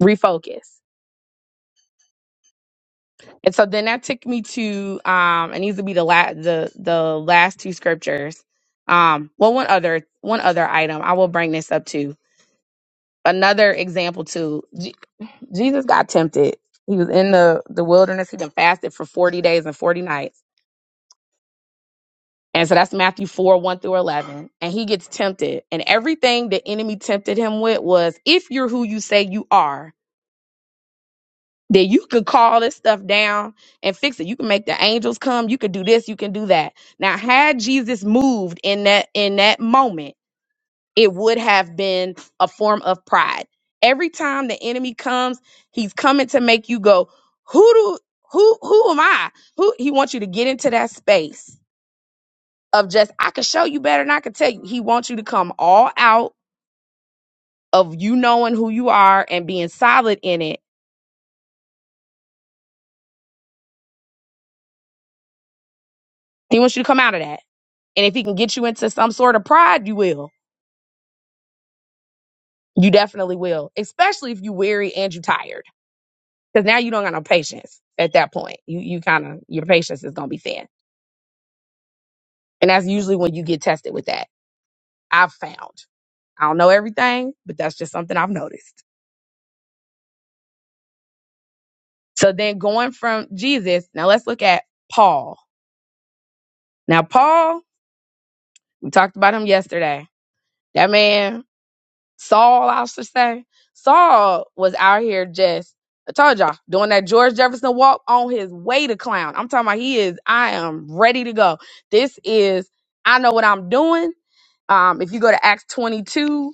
Speaker 5: Refocus. And so then that took me to um and these would be the last the the last two scriptures. Um well one other one other item I will bring this up to. Another example too. Je- Jesus got tempted. He was in the the wilderness. He been fasted for 40 days and 40 nights And so that's Matthew 4, 1 through 11. And he gets tempted. And everything the enemy tempted him with was if you're who you say you are, then you could call this stuff down and fix it. You can make the angels come. You could do this. You can do that. Now, had Jesus moved in that, in that moment, it would have been a form of pride. Every time the enemy comes, he's coming to make you go, who do, who, who am I? Who, he wants you to get into that space of just I can show you better and I can tell you. He wants you to come all out of you knowing who you are and being solid in it. He wants you to come out of that. And if he can get you into some sort of pride, you will. You definitely will. Especially if you weary and you tired. Because now you don't got no patience at that point. You you kind of your patience is gonna be thin. And that's usually when you get tested with that. I've found. I don't know everything, but that's just something I've noticed. So then going from Jesus, now let's look at Paul. Now Paul, we talked about him yesterday That man, Saul, I should say. Saul was out here just, I told y'all, doing that George Jefferson walk on his way to clown. I'm talking about he is, I am ready to go. This is, I know what I'm doing. Um, if you go to Acts 22,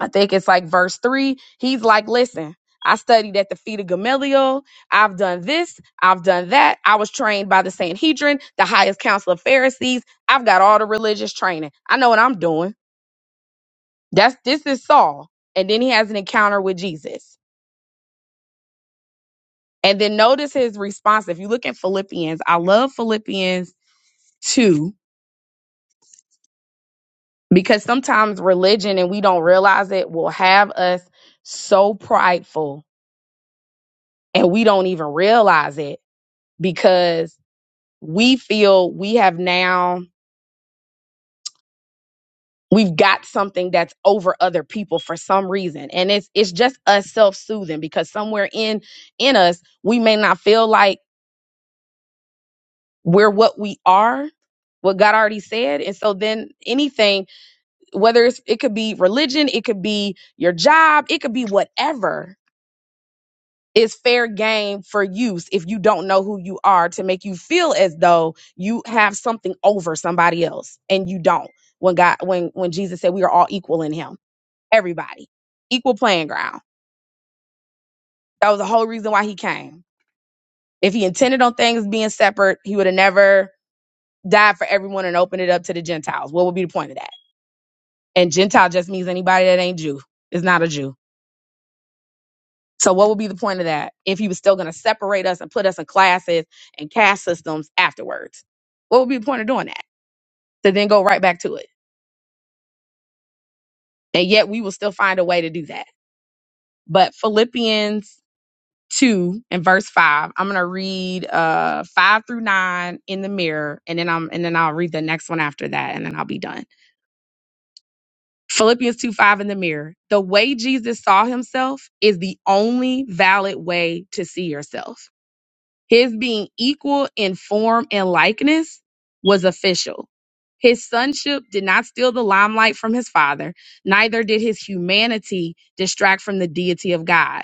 Speaker 5: I think it's like verse 3, he's like, listen, I studied at the feet of Gamaliel. I've done this. I've done that. I was trained by the Sanhedrin, the highest council of Pharisees. I've got all the religious training. I know what I'm doing. That's this is Saul. And then he has an encounter with Jesus. And then notice his response. If you look at Philippians, I love Philippians 2 because sometimes religion and we don't realize it will have us so prideful and we don't even realize it because we feel we have now we've got something that's over other people for some reason and it's it's just us self-soothing because somewhere in in us we may not feel like we're what we are what god already said and so then anything whether it's it could be religion it could be your job it could be whatever is fair game for use if you don't know who you are to make you feel as though you have something over somebody else and you don't when god when when jesus said we are all equal in him everybody equal playing ground that was the whole reason why he came if he intended on things being separate he would have never died for everyone and opened it up to the gentiles what would be the point of that And Gentile just means anybody that ain't Jew is not a Jew. So what would be the point of that if he was still going to separate us and put us in classes and caste systems afterwards? What would be the point of doing that? To then go right back to it. And yet we will still find a way to do that. But Philippians 2 and verse 5, I'm going to read uh 5 through 9 in the mirror and then I'm and then I'll read the next one after that and then I'll be done. Philippians 2 5 in the mirror. The way Jesus saw himself is the only valid way to see yourself. His being equal in form and likeness was official. His sonship did not steal the limelight from his father, neither did his humanity distract from the deity of God.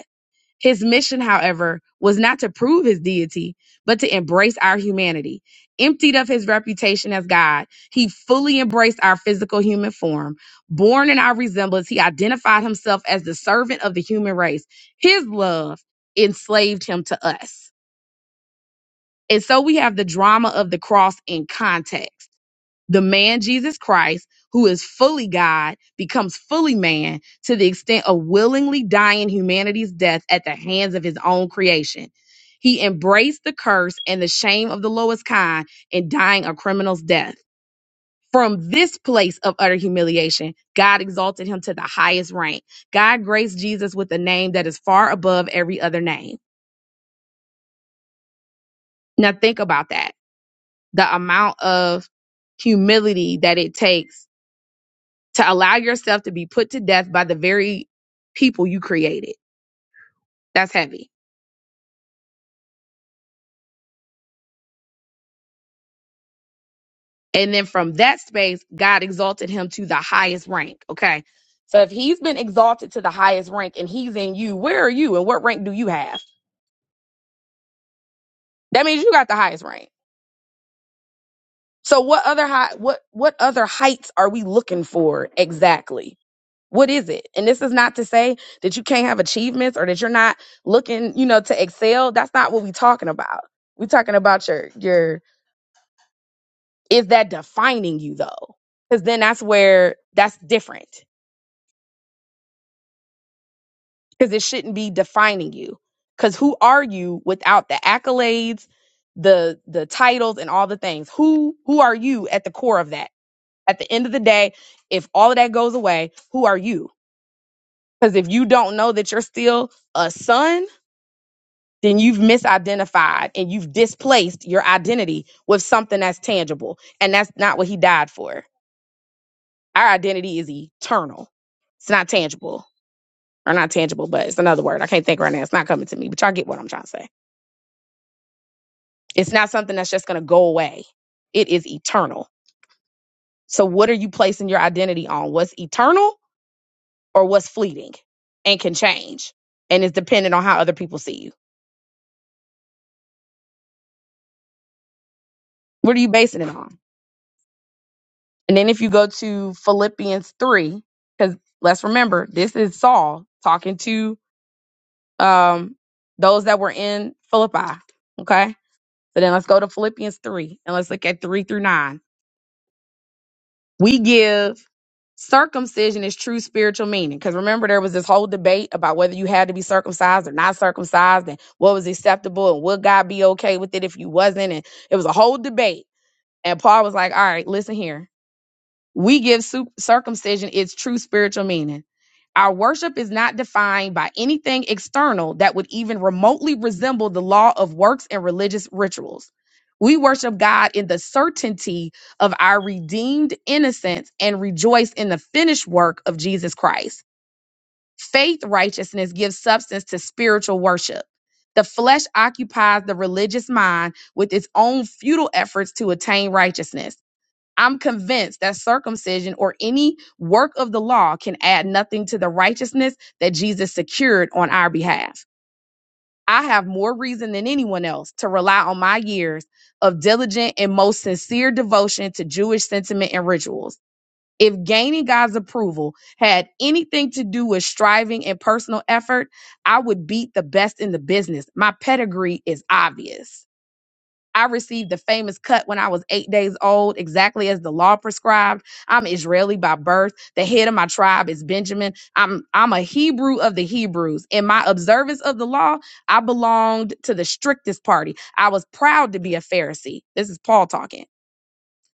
Speaker 5: His mission, however, was not to prove his deity, but to embrace our humanity. Emptied of his reputation as God, he fully embraced our physical human form. Born in our resemblance, he identified himself as the servant of the human race. His love enslaved him to us. And so we have the drama of the cross in context. The man Jesus Christ, who is fully God, becomes fully man to the extent of willingly dying humanity's death at the hands of his own creation. He embraced the curse and the shame of the lowest kind in dying a criminal's death. From this place of utter humiliation, God exalted him to the highest rank. God graced Jesus with a name that is far above every other name. Now think about that. the amount of humility that it takes to allow yourself to be put to death by the very people you created. That's heavy. And then from that space, God exalted him to the highest rank. Okay. So if he's been exalted to the highest rank and he's in you, where are you and what rank do you have? That means you got the highest rank. So what other high what what other heights are we looking for exactly? What is it? And this is not to say that you can't have achievements or that you're not looking, you know, to excel. That's not what we're talking about. We're talking about your your is that defining you though? Because then that's where that's different. Because it shouldn't be defining you. Because who are you without the accolades, the the titles, and all the things? Who who are you at the core of that? At the end of the day, if all of that goes away, who are you? Because if you don't know that you're still a son then you've misidentified and you've displaced your identity with something that's tangible. And that's not what he died for. Our identity is eternal. It's not tangible. Or not tangible, but it's another word. I can't think right now. It's not coming to me, but y'all get what I'm trying to say. It's not something that's just gonna go away. It is eternal. So what are you placing your identity on? What's eternal or what's fleeting and can change and is dependent on how other people see you? What are you basing it on? And then if you go to Philippians 3, because let's remember, this is Saul talking to um, those that were in Philippi. Okay. So then let's go to Philippians 3 and let's look at 3 through 9. We give circumcision its true spiritual meaning. Because remember, there was this whole debate about whether you had to be circumcised or not circumcised and what was acceptable and would God be okay with it if you wasn't. And it was a whole debate. And Paul was like, all right, listen here. We give su- circumcision its true spiritual meaning Our worship is not defined by anything external that would even remotely resemble the law of works and religious rituals. We worship God in the certainty of our redeemed innocence and rejoice in the finished work of Jesus Christ. Faith righteousness gives substance to spiritual worship. The flesh occupies the religious mind with its own futile efforts to attain righteousness. I'm convinced that circumcision or any work of the law can add nothing to the righteousness that Jesus secured on our behalf. I have more reason than anyone else to rely on my years of diligent and most sincere devotion to Jewish sentiment and rituals. If gaining God's approval had anything to do with striving and personal effort, I would beat the best in the business. My pedigree is obvious. I received the famous cut when I was eight days old, exactly as the law prescribed. I'm Israeli by birth. The head of my tribe is Benjamin. I'm I'm a Hebrew of the Hebrews. In my observance of the law, I belonged to the strictest party. I was proud to be a Pharisee. This is Paul talking.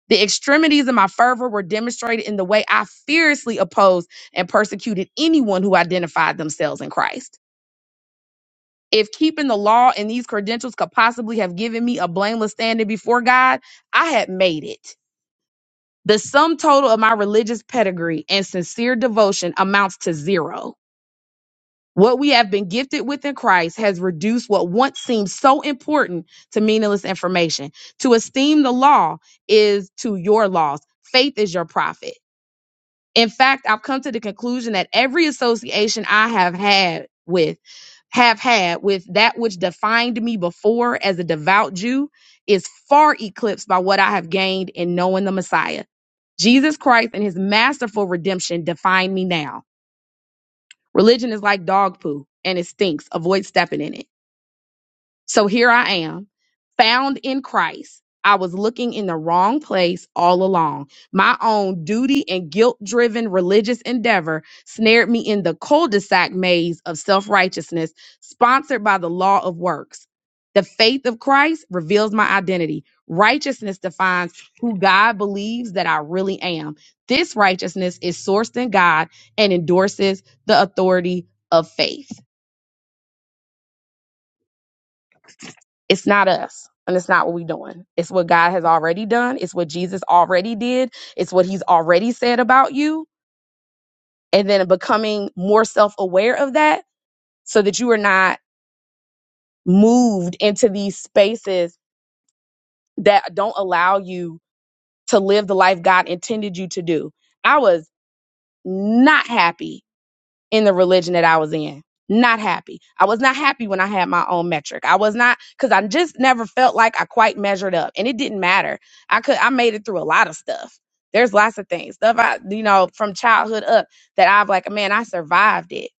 Speaker 5: The extremities of my fervor were demonstrated in the way I fiercely opposed and persecuted anyone who identified themselves in Christ. If keeping the law and these credentials could possibly have given me a blameless standing before God, I had made it. The sum total of my religious pedigree and sincere devotion amounts to zero. What we have been gifted with in Christ has reduced what once seemed so important to meaningless information. To esteem the law is to your loss, faith is your profit. In fact, I've come to the conclusion that every association I have had with have had with that which defined me before as a devout Jew is far eclipsed by what I have gained in knowing the Messiah. Jesus Christ and his masterful redemption define me now. Religion is like dog poo and it stinks. Avoid stepping in it. So here I am, found in Christ. I was looking in the wrong place all along. My own duty and guilt driven religious endeavor snared me in the cul de sac maze of self righteousness, sponsored by the law of works. The faith of Christ reveals my identity. Righteousness defines who God believes that I really am. This righteousness is sourced in God and endorses the authority of faith. It's not us. And it's not what we're doing. It's what God has already done. It's what Jesus already did. It's what he's already said about you. And then becoming more self aware of that so that you are not moved into these spaces that don't allow you to live the life God intended you to do. I was not happy in the religion that I was in. Not happy. I was not happy when I had my own metric. I was not because I just never felt like I quite measured up, and it didn't matter. I could I made it through a lot of stuff. There's lots of things stuff I you know from childhood up that I've like man I survived it,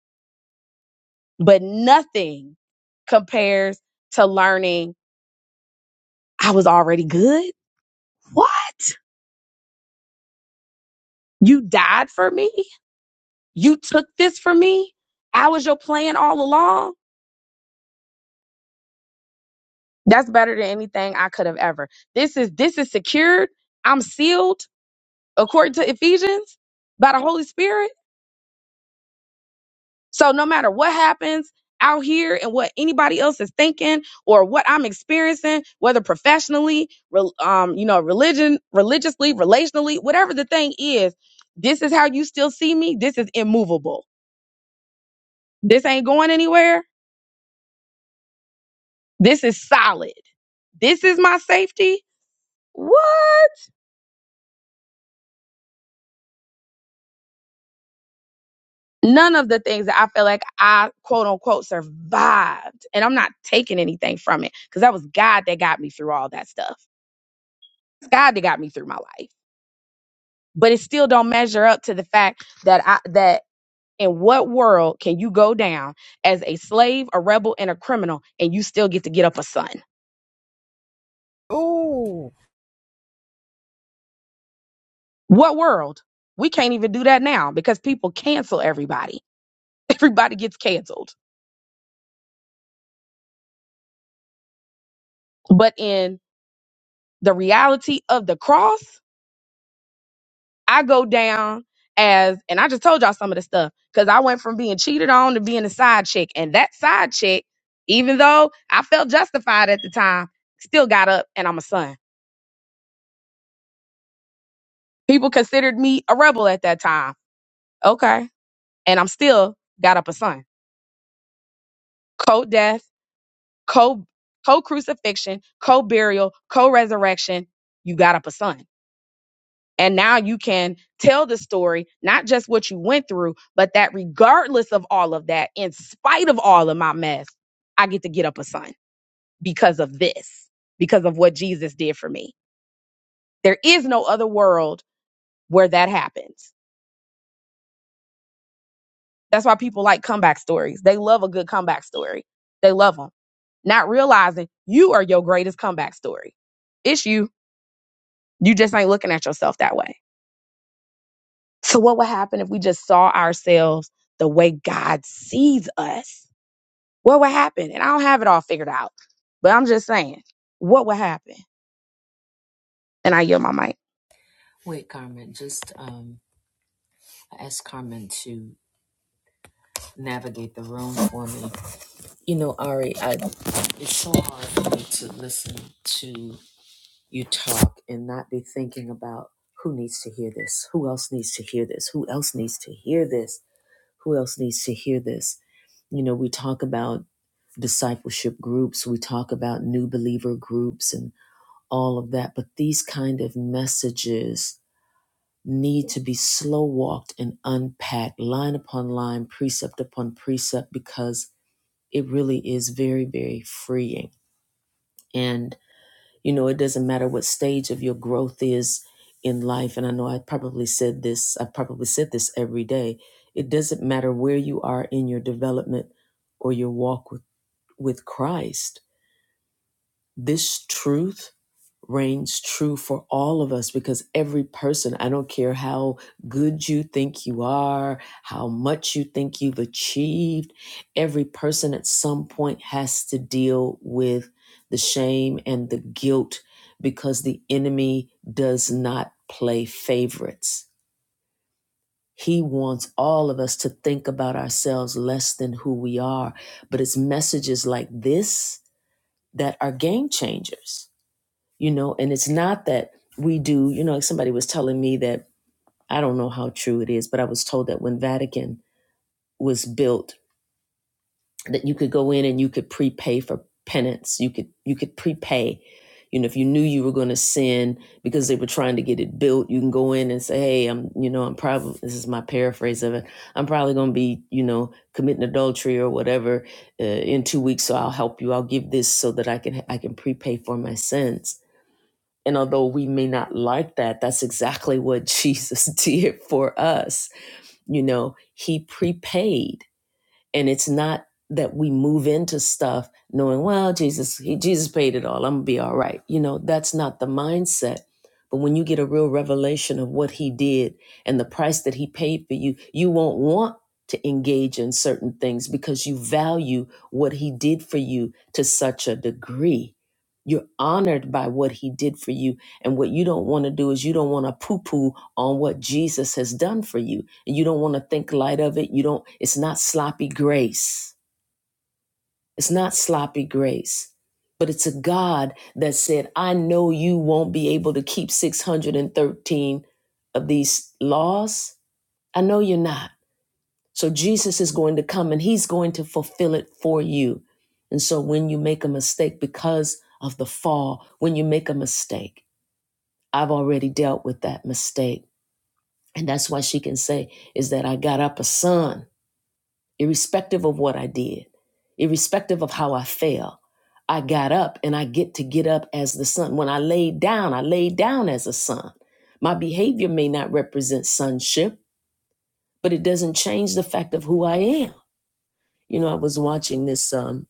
Speaker 5: but nothing compares to learning I was already good. What you died for me? You took this for me? I was your plan all along That's better than anything I could have ever. This is this is secured. I'm sealed according to Ephesians by the Holy Spirit. So no matter what happens out here and what anybody else is thinking or what I'm experiencing, whether professionally, rel- um, you know, religion, religiously, relationally, whatever the thing is, this is how you still see me. This is immovable. This ain't going anywhere. This is solid. This is my safety. What? none of the things that I feel like I quote unquote survived. And I'm not taking anything from it because that was God that got me through all that stuff. It's God that got me through my life. But it still don't measure up to the fact that I that in what world can you go down as a slave, a rebel, and a criminal and you still get to get up a son?
Speaker 6: Ooh,
Speaker 5: What world? We can't even do that now because people cancel everybody. [LAUGHS] Everybody gets canceled. But in the reality of the cross, I go down as, and I just told y'all some of the stuff because I went from being cheated on to being a side chick. And that side chick, even though I felt justified at the time, still got up and I'm a son. People considered me a rebel at that time. Okay. And I'm still got up a son. Co death, co co crucifixion, co burial, co resurrection. You got up a son. And now you can tell the story, not just what you went through, but that regardless of all of that, in spite of all of my mess, I get to get up a son because of this, because of what Jesus did for me. There is no other world where that happens. That's why people like comeback stories. They love a good comeback story. They love them, not realizing you are your greatest comeback story. It's you. You just ain't looking at yourself that way. So, what would happen if we just saw ourselves the way God sees us? What would happen? And I don't have it all figured out, but I'm just saying, what would happen? And I yield my mic.
Speaker 1: Wait, Carmen, just um, ask Carmen to navigate the room for me. You know, Ari, I, it's so hard for me to listen to. you talk and not be thinking about who needs to hear this, who else needs to hear this, who else needs to hear this, who else needs to hear this. You know, we talk about discipleship groups, we talk about new believer groups and all of that, but these kind of messages need to be slow walked and unpacked line upon line, precept upon precept because it really is very very freeing. and. You know, it doesn't matter what stage of your growth is in life. And I know I probably said this, I probably said this every day. It doesn't matter where you are in your development or your walk with, with Christ. This truth reigns true for all of us because every person, I don't care how good you think you are, how much you think you've achieved, every person at some point has to deal with the shame and the guilt because the enemy does not play favorites. He wants all of us to think about ourselves less than who we are. But it's messages like this that are game changers you know and it's not that we do you know like somebody was telling me that i don't know how true it is but i was told that when vatican was built that you could go in and you could prepay for penance you could you could prepay you know if you knew you were going to sin because they were trying to get it built you can go in and say hey i'm you know i'm probably this is my paraphrase of it i'm probably going to be you know committing adultery or whatever uh, in two weeks so i'll help you i'll give this so that i can i can prepay for my sins and although we may not like that, that's exactly what [LAUGHS] Jesus did for us. You know, he prepaid. And it's not that we move into stuff knowing, well, Jesus, he, Jesus paid it all. I'm going to be all right. You know, that's not the mindset. But when you get a real revelation of what he did and the price that he paid for you, you won't want to engage in certain things because you value what he did for you to such a degree. You're honored by what he did for you and what you don't want to do is you don't want to poo poo on what Jesus has done for you. And you don't want to think light of it. You don't, it's not sloppy grace. It's not sloppy grace. But it's a God that said, I know you won't be able to keep 613 of these laws. I know you're not. So Jesus is going to come and he's going to fulfill it for you. And so when you make a mistake because of the fall, when you make a mistake, I've already dealt with that mistake. And that's why she can say, is that I got up a son, irrespective of what I did, irrespective of how I fell. I got up and I get to get up as the son. When I laid down, I laid down as a son. My behavior may not represent sonship, but it doesn't change the fact of who I am. You know, I was watching this, um,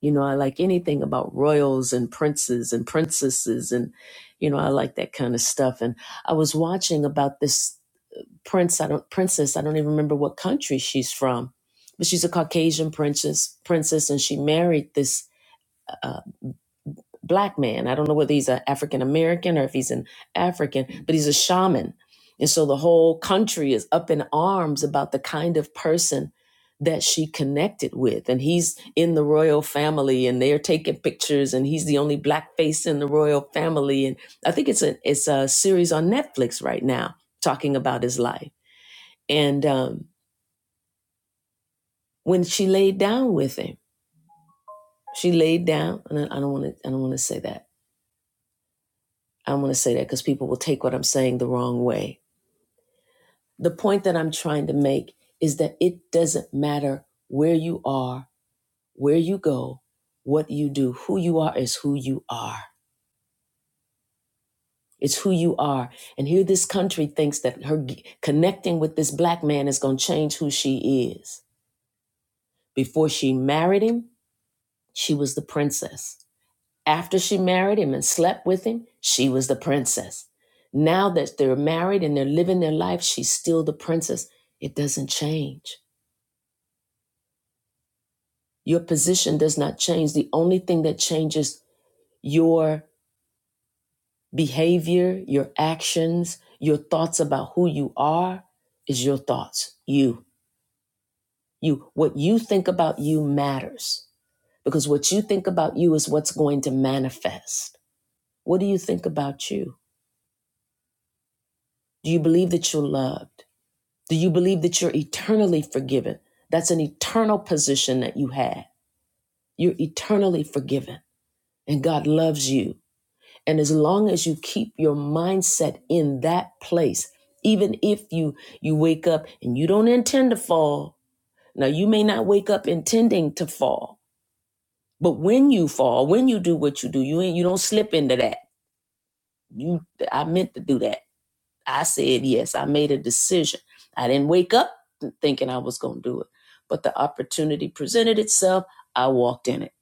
Speaker 1: you know, I like anything about royals and princes and princesses and, you know, I like that kind of stuff. And I was watching about this prince. I don't princess. I don't even remember what country she's from, but she's a Caucasian princess. Princess, and she married this uh, black man. I don't know whether he's an African American or if he's an African, but he's a shaman, and so the whole country is up in arms about the kind of person that she connected with and he's in the royal family and they're taking pictures and he's the only black face in the royal family and i think it's a it's a series on netflix right now talking about his life and um when she laid down with him. She laid down, and I don't want to. I don't want to say that. I don't want to say that because people will take what I'm saying the wrong way. The point that I'm trying to make is that it doesn't matter where you are, where you go, what you do. Who you are is who you are. It's who you are. And here, this country thinks that her g- connecting with this black man is going to change who she is. Before she married him, she was the princess. After she married him and slept with him, she was the princess. Now that they're married and they're living their life, she's still the princess. It doesn't change. Your position does not change. The only thing that changes your behavior, your actions, your thoughts about who you are is your thoughts. You, you, what you think about you matters because what you think about you is what's going to manifest. What do you think about you? Do you believe that you're loved? Do you believe that you're eternally forgiven? That's an eternal position that you had. You're eternally forgiven, and God loves you. And as long as you keep your mindset in that place, even if you you wake up and you don't intend to fall, now you may not wake up intending to fall, but when you fall, when you do what you do, you ain't you don't slip into that. You I meant to do that. I said yes. I made a decision. I didn't wake up thinking I was going to do it, but the opportunity presented itself. I walked in it.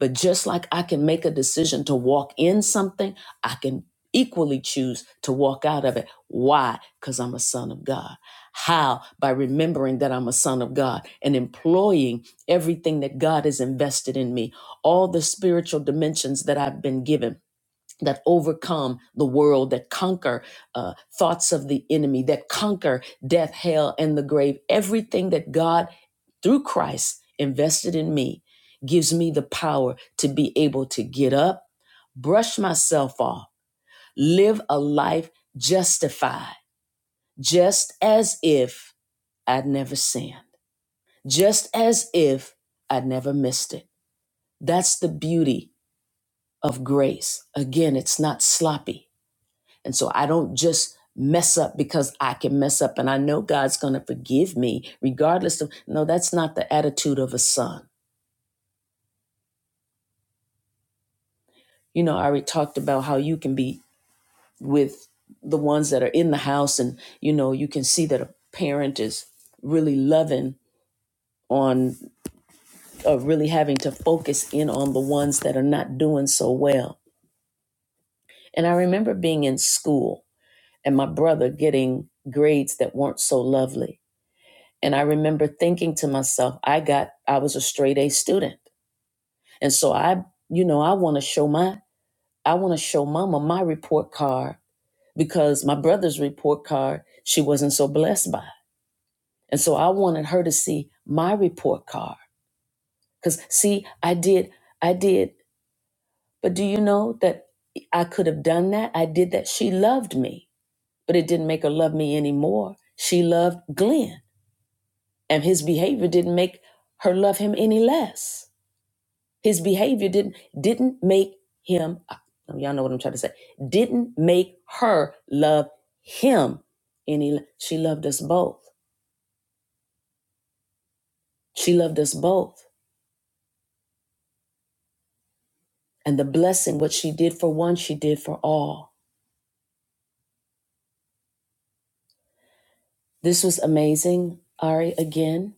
Speaker 1: But just like I can make a decision to walk in something, I can equally choose to walk out of it. Why? Because I'm a son of God. How? By remembering that I'm a son of God and employing everything that God has invested in me, all the spiritual dimensions that I've been given that overcome the world, that conquer uh, thoughts of the enemy, that conquer death, hell, and the grave. Everything that God, through Christ, invested in me gives me the power to be able to get up, brush myself off, live a life justified, just as if I'd never sinned, just as if I'd never missed it. That's the beauty of grace. Again, it's not sloppy. And so I don't just mess up because I can mess up and I know God's going to forgive me regardless of. No, that's not the attitude of a son. You know, I already talked about how you can be with the ones that are in the house and, you know, you can see that a parent is really loving on or really having to focus in on the ones that are not doing so well. And I remember being in school and my brother getting grades that weren't so lovely And I remember thinking to myself, I got, I was a straight A student. And so I, you know, I want to show my, I want to show mama my report card because my brother's report card, she wasn't so blessed by. And so I wanted her to see my report card. Cause see, I did, I did, but do you know that I could have done that? I did that. She loved me, but it didn't make her love me anymore. She loved Glenn and his behavior didn't make her love him any less. His behavior didn't didn't make him. uh, Y'all know what I'm trying to say. Didn't make her love him any. l- She loved us both. She loved us both. And the blessing, what she did for one, she did for all. This was amazing, Ari. Again,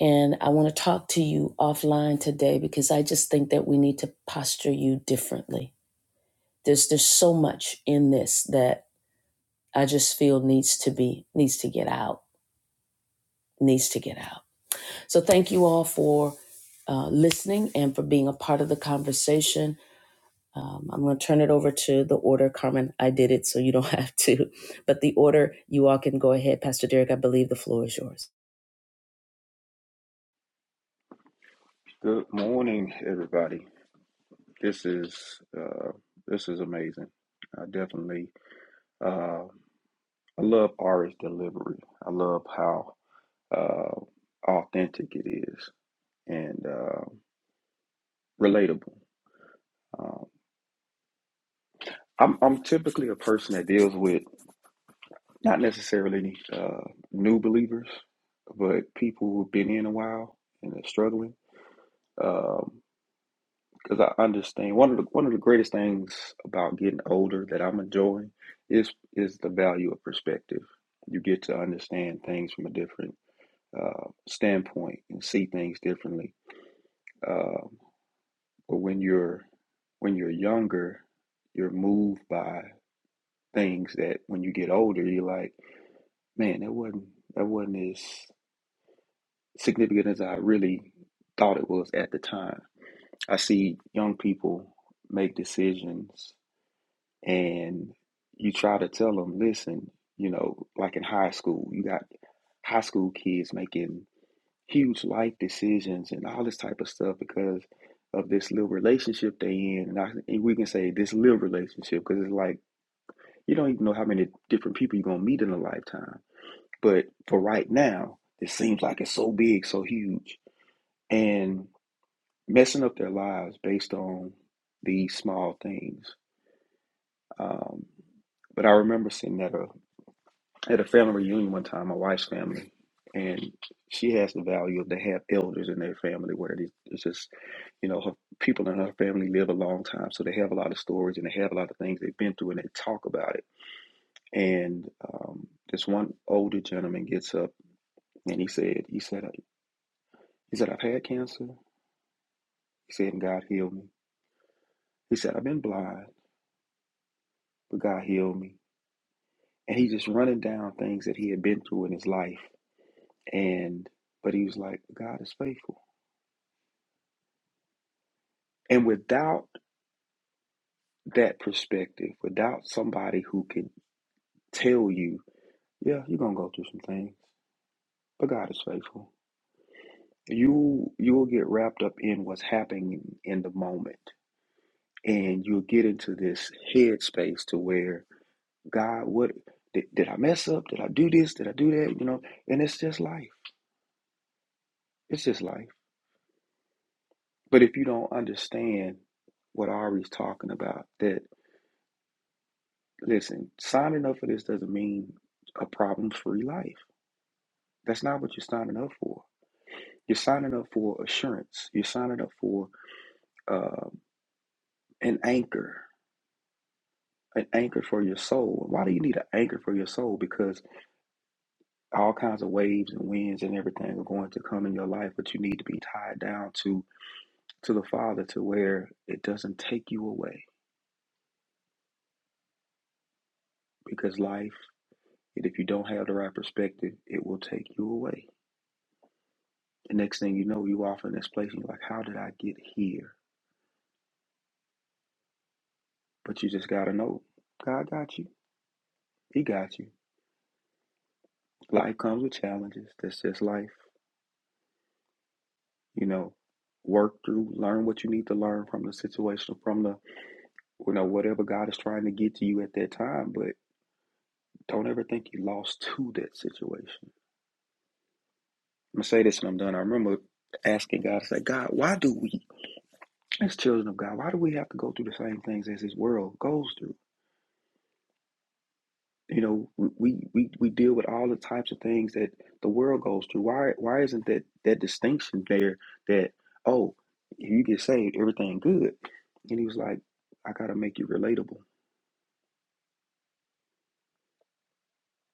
Speaker 1: and I want to talk to you offline today because I just think that we need to posture you differently. There's there's so much in this that I just feel needs to be needs to get out needs to get out. So thank you all for uh, listening and for being a part of the conversation. Um, I'm going to turn it over to the order, Carmen. I did it, so you don't [LAUGHS] have to. But the order, you all can go ahead. Pastor Derek, I believe the floor is yours.
Speaker 7: Good morning, everybody. This is uh, this is amazing. I definitely uh, I love Ari's delivery. I love how uh, authentic it is and uh, relatable. Um, I'm I'm typically a person that deals with not necessarily uh, new believers, but people who've been in a while and are struggling. Um, because I understand one of the one of the greatest things about getting older that I'm enjoying is is the value of perspective. You get to understand things from a different uh, standpoint and see things differently. Um, but when you're when you're younger, you're moved by things that when you get older, you're like, man, that wasn't that wasn't as significant as I really thought it was at the time. I see young people make decisions and you try to tell them, listen, you know, like in high school, you got high school kids making huge life decisions and all this type of stuff because of this little relationship they in. And, I, and we can say this little relationship because it's like you don't even know how many different people you're going to meet in a lifetime. But for right now, it seems like it's so big, so huge, and messing up their lives based on these small things. Um, but I remember sitting at a at a family reunion one time, my wife's family, and she has the value of they have elders in their family where they, it's just, you know, her people in her family live a long time, so they have a lot of stories and they have a lot of things they've been through and they talk about it. And um, this one older gentleman gets up and he said, he said, he said, I've had cancer. He said, and God healed me. He said, I've been blind, but God healed me. And he just running down things that he had been through in his life. And, but he was like, God is faithful. And without that perspective without somebody who can tell you, yeah, you're gonna go through some things, but God is faithful. You you'll get wrapped up in what's happening in the moment, and you'll get into this headspace to where God, what did, did I mess up? Did I do this? Did I do that? You know, and it's just life. It's just life. But if you don't understand what Ari's talking about, that listen, signing up for this doesn't mean a problem-free life. That's not what you're signing up for You're signing up for assurance. You're signing up for um, an anchor, an anchor for your soul. Why do you need an anchor for your soul? Because all kinds of waves and winds and everything are going to come in your life, but you need to be tied down to to the Father to where it doesn't take you away. Because life, if you don't have the right perspective, it will take you away. The next thing you know, you off in this place, and you're like, "How did I get here?" But you just gotta know, God got you. He got you. Life comes with challenges. That's just life. you know work through learn what you need to learn from the situation from the you know whatever god is trying to get to you at that time but don't ever think you lost to that situation i'm gonna say this and i'm done i remember asking god I said, god why do we as children of god why do we have to go through the same things as this world goes through you know we we we deal with all the types of things that the world goes through why why isn't that that distinction there that oh if you get saved everything good and he was like i gotta make you relatable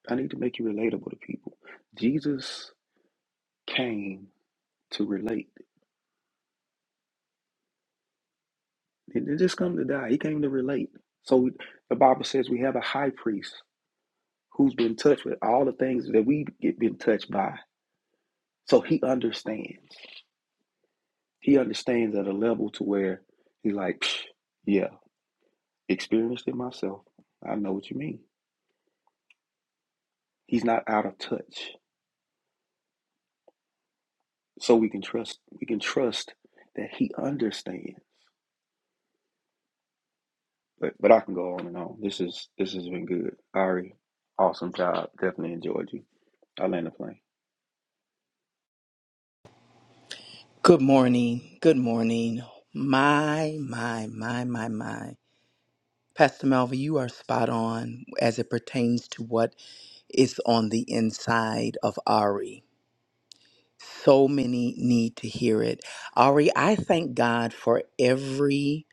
Speaker 7: I need to make you relatable to people. Jesus came to relate. He didn't just come to die. He came to relate. So we, the Bible says we have a high priest who's been touched with all the things that we get been touched by. So he understands. He understands at a level to where he's like, "Psh, yeah, experienced it myself. I know what you mean. He's not out of touch. So we can trust. We can trust that he understands. But but I can go on and on. This is this has been good. Ari, awesome job. Definitely enjoyed you. I land the plane.
Speaker 8: Good morning. Good morning. My, my, my, my, my. Pastor Melva, you are spot on as it pertains to what is on the inside of Ari. So many need to hear it. Ari, I thank God for every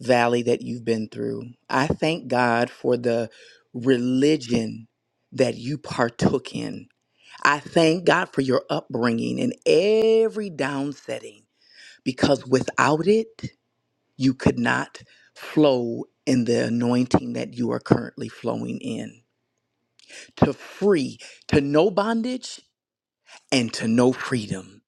Speaker 8: valley that you've been through. I thank God for the religion that you partook in. I thank God for your upbringing and every downsetting because without it, You could not flow in the anointing that you are currently flowing in to free, to no bondage and to no freedom,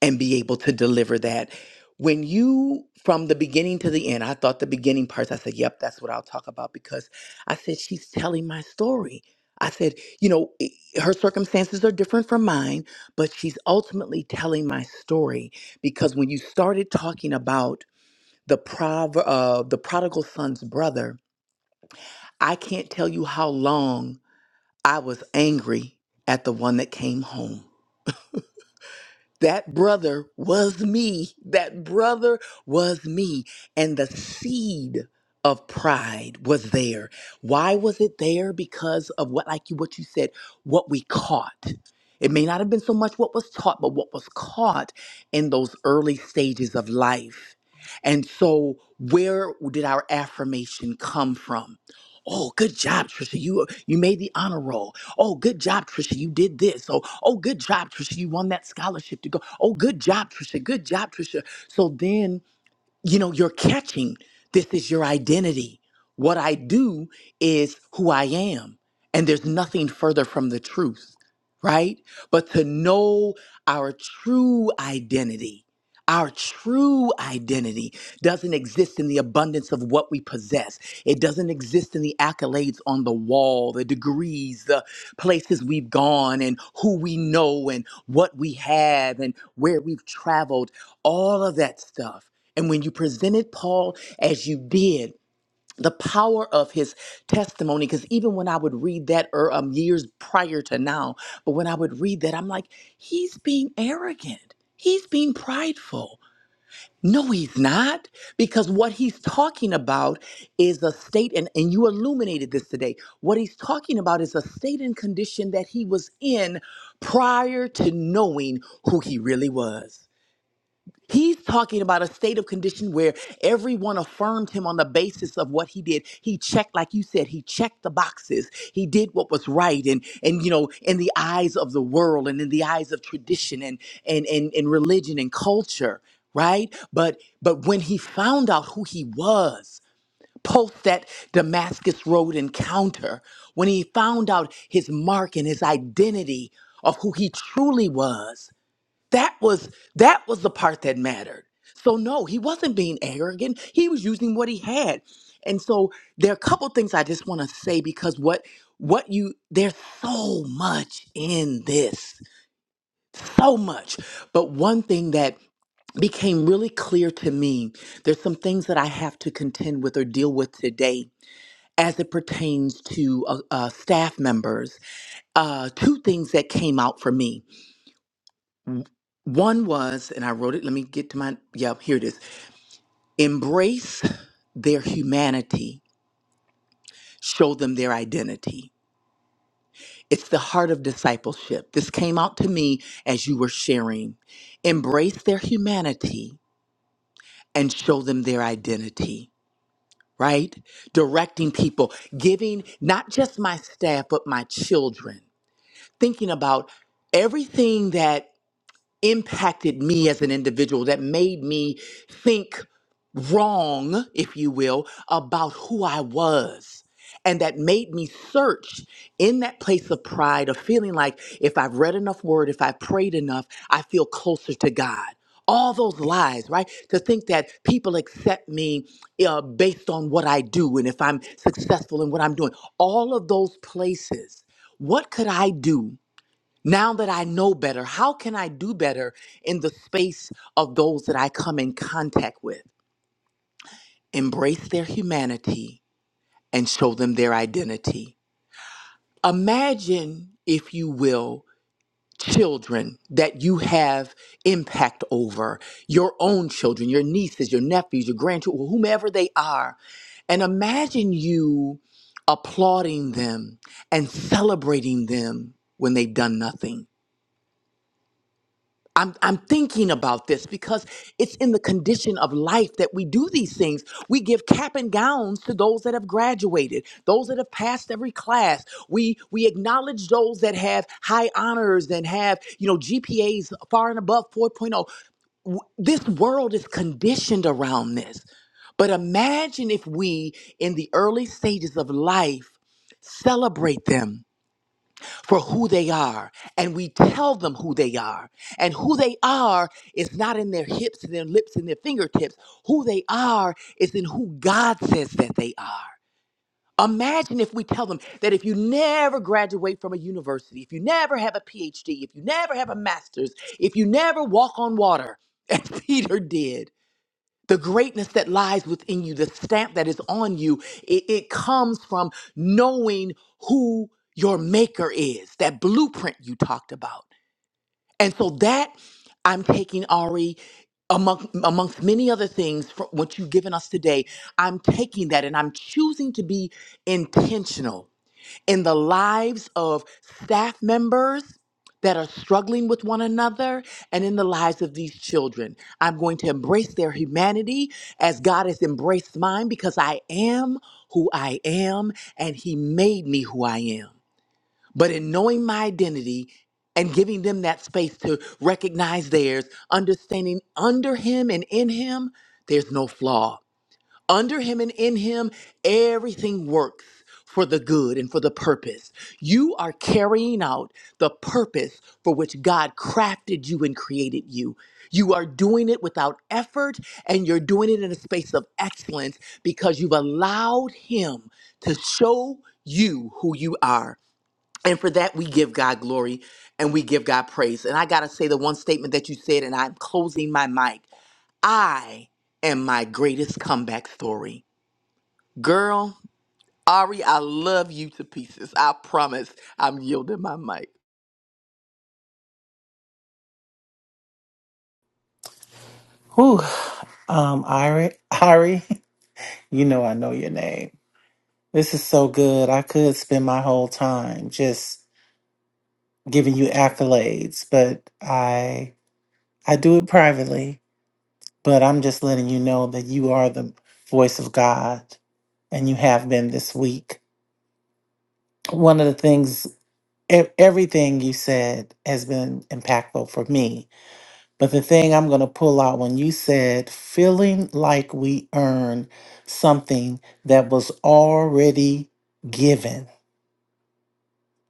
Speaker 8: and be able to deliver that. When you, from the beginning to the end, I thought the beginning parts, I said, yep, that's what I'll talk about because I said, she's telling my story. I said, you know, i- her circumstances are different from mine, but she's ultimately telling my story because when you started talking about the prov- uh, the prodigal son's brother, I can't tell you how long I was angry at the one that came home. That brother was me. That brother was me. And the seed of pride was there. Why was it there? Because of what, like you, what you said, what we caught. It may not have been so much what was taught, but what was caught in those early stages of life. And so, where did our affirmation come from? Oh, good job, Trisha. You you made the honor roll. Oh, good job, Trisha. You did this. Oh, Oh, good job, Trisha. You won that scholarship to go. Oh, good job, Trisha. Good job, Trisha. So then you know, you're catching this is your identity. What I do is who I am, and there's nothing further from the truth, right? But to know our true identity, our true identity doesn't exist in the abundance of what we possess. It doesn't exist in the accolades on the wall, the degrees, the places we've gone, and who we know, and what we have, and where we've traveled, all of that stuff and when you presented Paul as you did, the power of his testimony, because even when I would read that er, um, years prior to now, but when I would read that, I'm like, he's being arrogant. He's being prideful. No, he's not, because what he's talking about is a state, and, and you illuminated this today. What he's talking about is a state and condition that he was in prior to knowing who he really was. He's talking about a state of condition where everyone affirmed him on the basis of what he did. He checked, like you said, he checked the boxes. He did what was right, and and you know, in the eyes of the world, and in the eyes of tradition, and and and, and religion and culture, right? But but when he found out who he was, post that Damascus Road encounter, when he found out his mark and his identity of who he truly was, that was that was the part that mattered. So no, he wasn't being arrogant. He was using what he had. And so there are a couple things I just want to say because what what you there's so much in this. So much. But one thing that became really clear to me, there's some things that I have to contend with or deal with today as it pertains to uh, uh, staff members. Uh, two things that came out for me W- One was, and I wrote it, let me get to my, yeah, here it is. Embrace their humanity, show them their identity. It's the heart of discipleship. This came out to me as you were sharing. Embrace their humanity and show them their identity, right? Directing people, giving not just my staff, but my children, thinking about everything that impacted me as an individual that made me think wrong, if you will, about who I was. And that made me search in that place of pride of feeling like if I've read enough word, if I've prayed enough, I feel closer to God. All those lies, right? To think that people accept me uh, based on what I do and if I'm successful in what I'm doing. All of those places. What could I do? Now that I know better, how can I do better in the space of those that I come in contact with? Embrace their humanity and show them their identity. Imagine, if you will, children that you have impact over, your own children, your nieces, your nephews, your grandchildren, whomever they are. And imagine you applauding them and celebrating them when they've done nothing I'm, I'm thinking about this because it's in the condition of life that we do these things. We give cap and gowns to those that have graduated, those that have passed every class. We we acknowledge those that have high honors and have, you know, GPAs far and above 4.0. W- This world is conditioned around this. But imagine if we in the early stages of life celebrate them for who they are and we tell them who they are and who they are is not in their hips and their lips and their fingertips who they are is in who god says that they are imagine if we tell them that if you never graduate from a university if you never have a phd if you never have a master's if you never walk on water [LAUGHS] as peter did the greatness that lies within you, the stamp that is on you, it, it comes from knowing who your maker is, that blueprint you talked about. And so that I'm taking Ari among, amongst many other things from what you've given us today. I'm taking that and I'm choosing to be intentional in the lives of staff members that are struggling with one another and in the lives of these children. I'm going to embrace their humanity as God has embraced mine because I am who I am and He made me who I am. But in knowing my identity, and giving them that space to recognize theirs, understanding under him and in him, there's no flaw under him and in him, everything works for the good and for the purpose. You are carrying out the purpose for which God crafted you and created you. You are doing it without effort and you're doing it in a space of excellence because you've allowed him to show you who you are. And for that, we give God glory and we give God praise. And I got to say the one statement that you said, and I'm closing my mic I am my greatest comeback story. Girl, Ari, I love you to pieces. I promise. I'm yielding my mic.
Speaker 3: Whew. Um, Ari, Ari, [LAUGHS] you know I know your name. This is so good. I could spend my whole time just giving you accolades, but I I do it privately. But I'm just letting you know that you are the voice of God, and you have been this week. One of the things, e- everything you said has been impactful for me But the thing I'm going to pull out when you said feeling like we earn something that was already given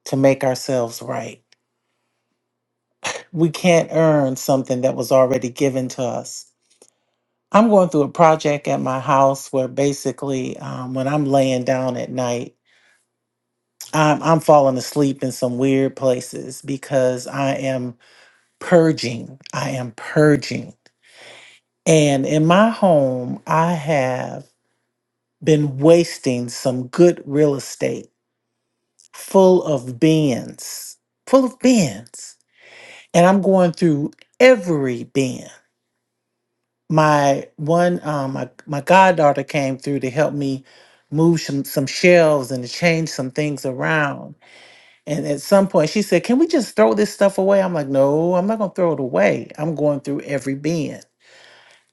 Speaker 3: to make ourselves right. We can't earn something that was already given to us. I'm going through a project at my house where basically, um, when I'm laying down at night, I'm, I'm falling asleep in some weird places because I am purging. I am purging. And in my home, I have. been wasting some good real estate full of bins, full of bins. And I'm going through every bin. My one, um, my, my goddaughter came through to help me move some, some shelves and to change some things around. And at some point she said, Can we just throw this stuff away? I'm like, No, I'm not going to throw it away. I'm going through every bin.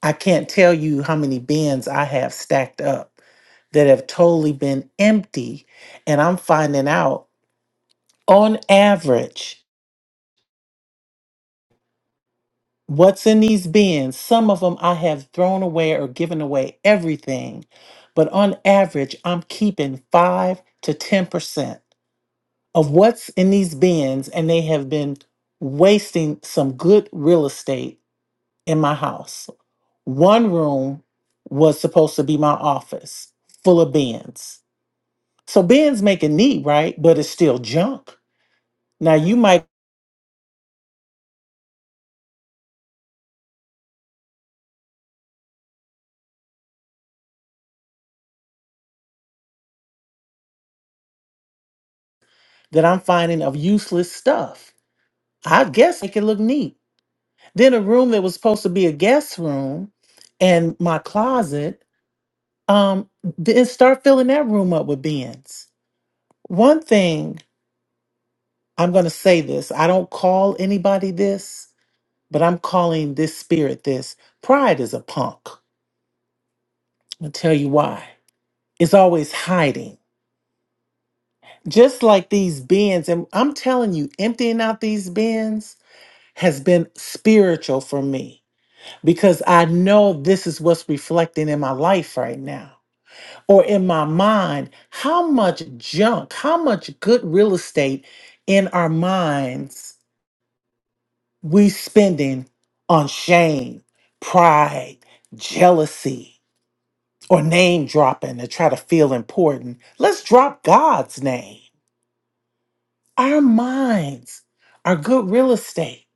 Speaker 3: I can't tell you how many bins I have stacked up that have totally been empty. And I'm finding out on average what's in these bins. Some of them I have thrown away or given away everything. But on average, I'm keeping 5 to 10% of what's in these bins. And they have been wasting some good real estate in my house. One room was supposed to be my office full of bins. So Ben's making neat, right? But it's still junk. Now you might that I'm finding of useless stuff. I guess make it look neat. Then a room that was supposed to be a guest room and my closet, um, then start filling that room up with bins. One thing I'm gonna say this, I don't call anybody this, but I'm calling this spirit this. Pride is a punk. I'll tell you why. It's always hiding just like these bins and i'm telling you emptying out these bins has been spiritual for me because i know this is what's reflecting in my life right now or in my mind how much junk how much good real estate in our minds we spending on shame pride jealousy or name dropping to try to feel important let's drop god's name Our minds are good real estate.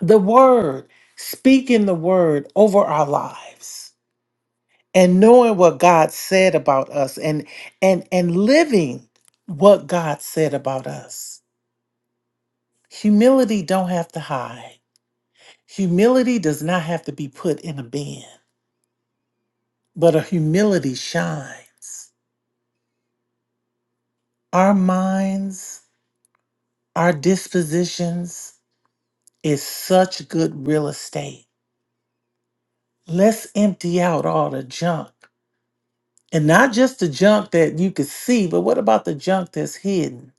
Speaker 3: The word, speaking the word over our lives and knowing what God said about us and and and living what God said about us. Humility don't have to hide. Humility does not have to be put in a bin, but a humility shines. Our minds, our dispositions is such good real estate. Let's empty out all the junk And not just the junk that you could see, but what about the junk that's hidden?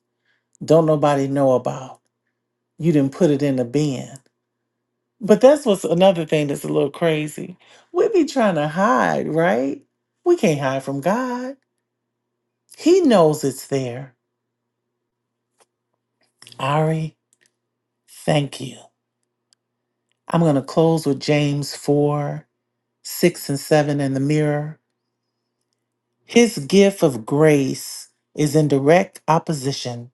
Speaker 3: Don't nobody know about. You didn't put it in the bin. But that's what's another thing that's a little crazy. We be trying to hide, right? We can't hide from God. He knows it's there. Ari, thank you. I'm going to close with James 4 6 and 7 in the mirror. His gift of grace is in direct opposition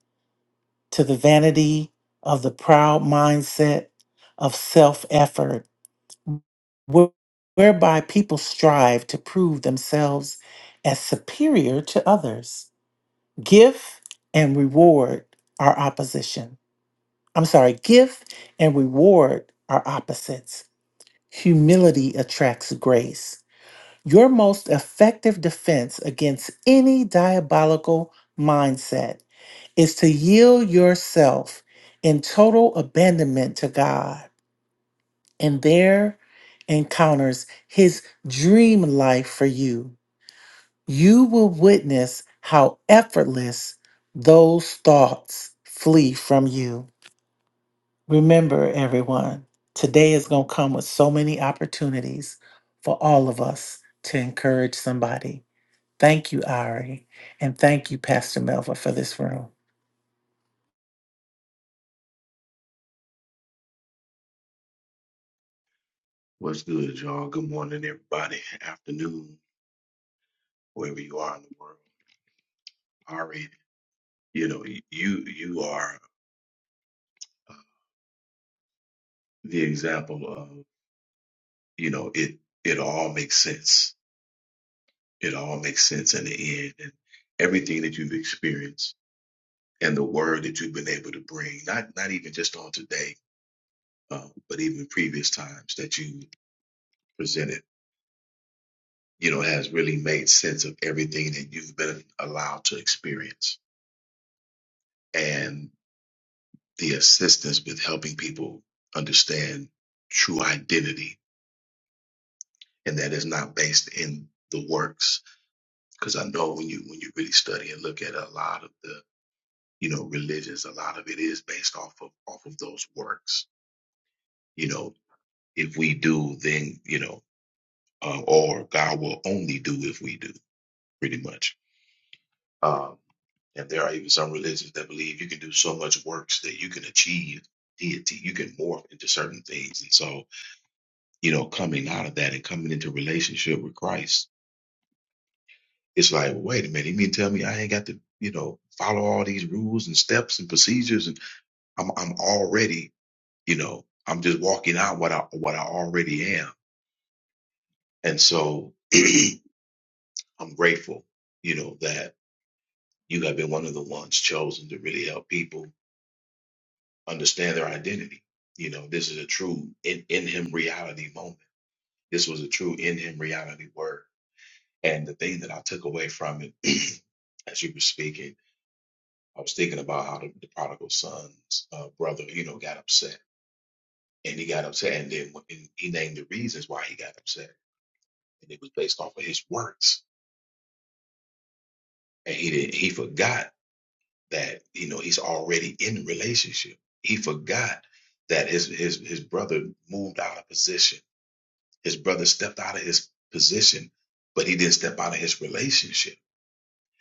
Speaker 3: to the vanity of the proud mindset of self effort, whereby people strive to prove themselves as superior to others. Gift and reward are opposition. I'm sorry, gift and reward are opposites. Humility attracts grace. Your most effective defense against any diabolical mindset is to yield yourself in total abandonment to God and there encounters his dream life for you. You will witness how effortless those thoughts flee from you. Remember, everyone, today is going to come with so many opportunities for all of us to encourage somebody. Thank you, Ari, and thank you, Pastor Melva, for this room.
Speaker 9: What's good, y'all? Good morning, everybody. Afternoon, wherever you are in the world. Ari, you know, y- you you are uh, the example of you know it. It all makes sense. It all makes sense in the end, and everything that you've experienced and the word that you've been able to bring. Not not even just on today, um, but even previous times that you presented. You know, has really made sense of everything that you've been allowed to experience. and. the assistance with helping people understand true identity and that is not based in the works because i know when you when you really study and look at a lot of the you know religions a lot of it is based off of off of those works you know if we do then you know um, or god will only do if we do pretty much um and there are even some religions that believe you can do so much works that you can achieve deity you can morph into certain things and so you know, coming out of that and coming into relationship with Christ, it's like, well, wait a minute, you mean to tell me I ain't got to, you know, follow all these rules and steps and procedures, and I'm I'm already, you know, I'm just walking out what I what I already am, and so [CLEARS THROAT] I'm grateful, you know, that you have been one of the ones chosen to really help people understand their identity. You know, this is a true in in Him reality moment. This was a true in Him reality word And the thing that I took away from it, [CLEARS THROAT] as you were speaking, I was thinking about how the, the prodigal son's uh, brother, you know, got upset, and he got upset, and then when- and he named the reasons why he got upset, and it was based off of his works, and he didn't, he forgot that you know he's already in a relationship. He forgot that his his his brother moved out of position. His brother stepped out of his position, but he didn't step out of his relationship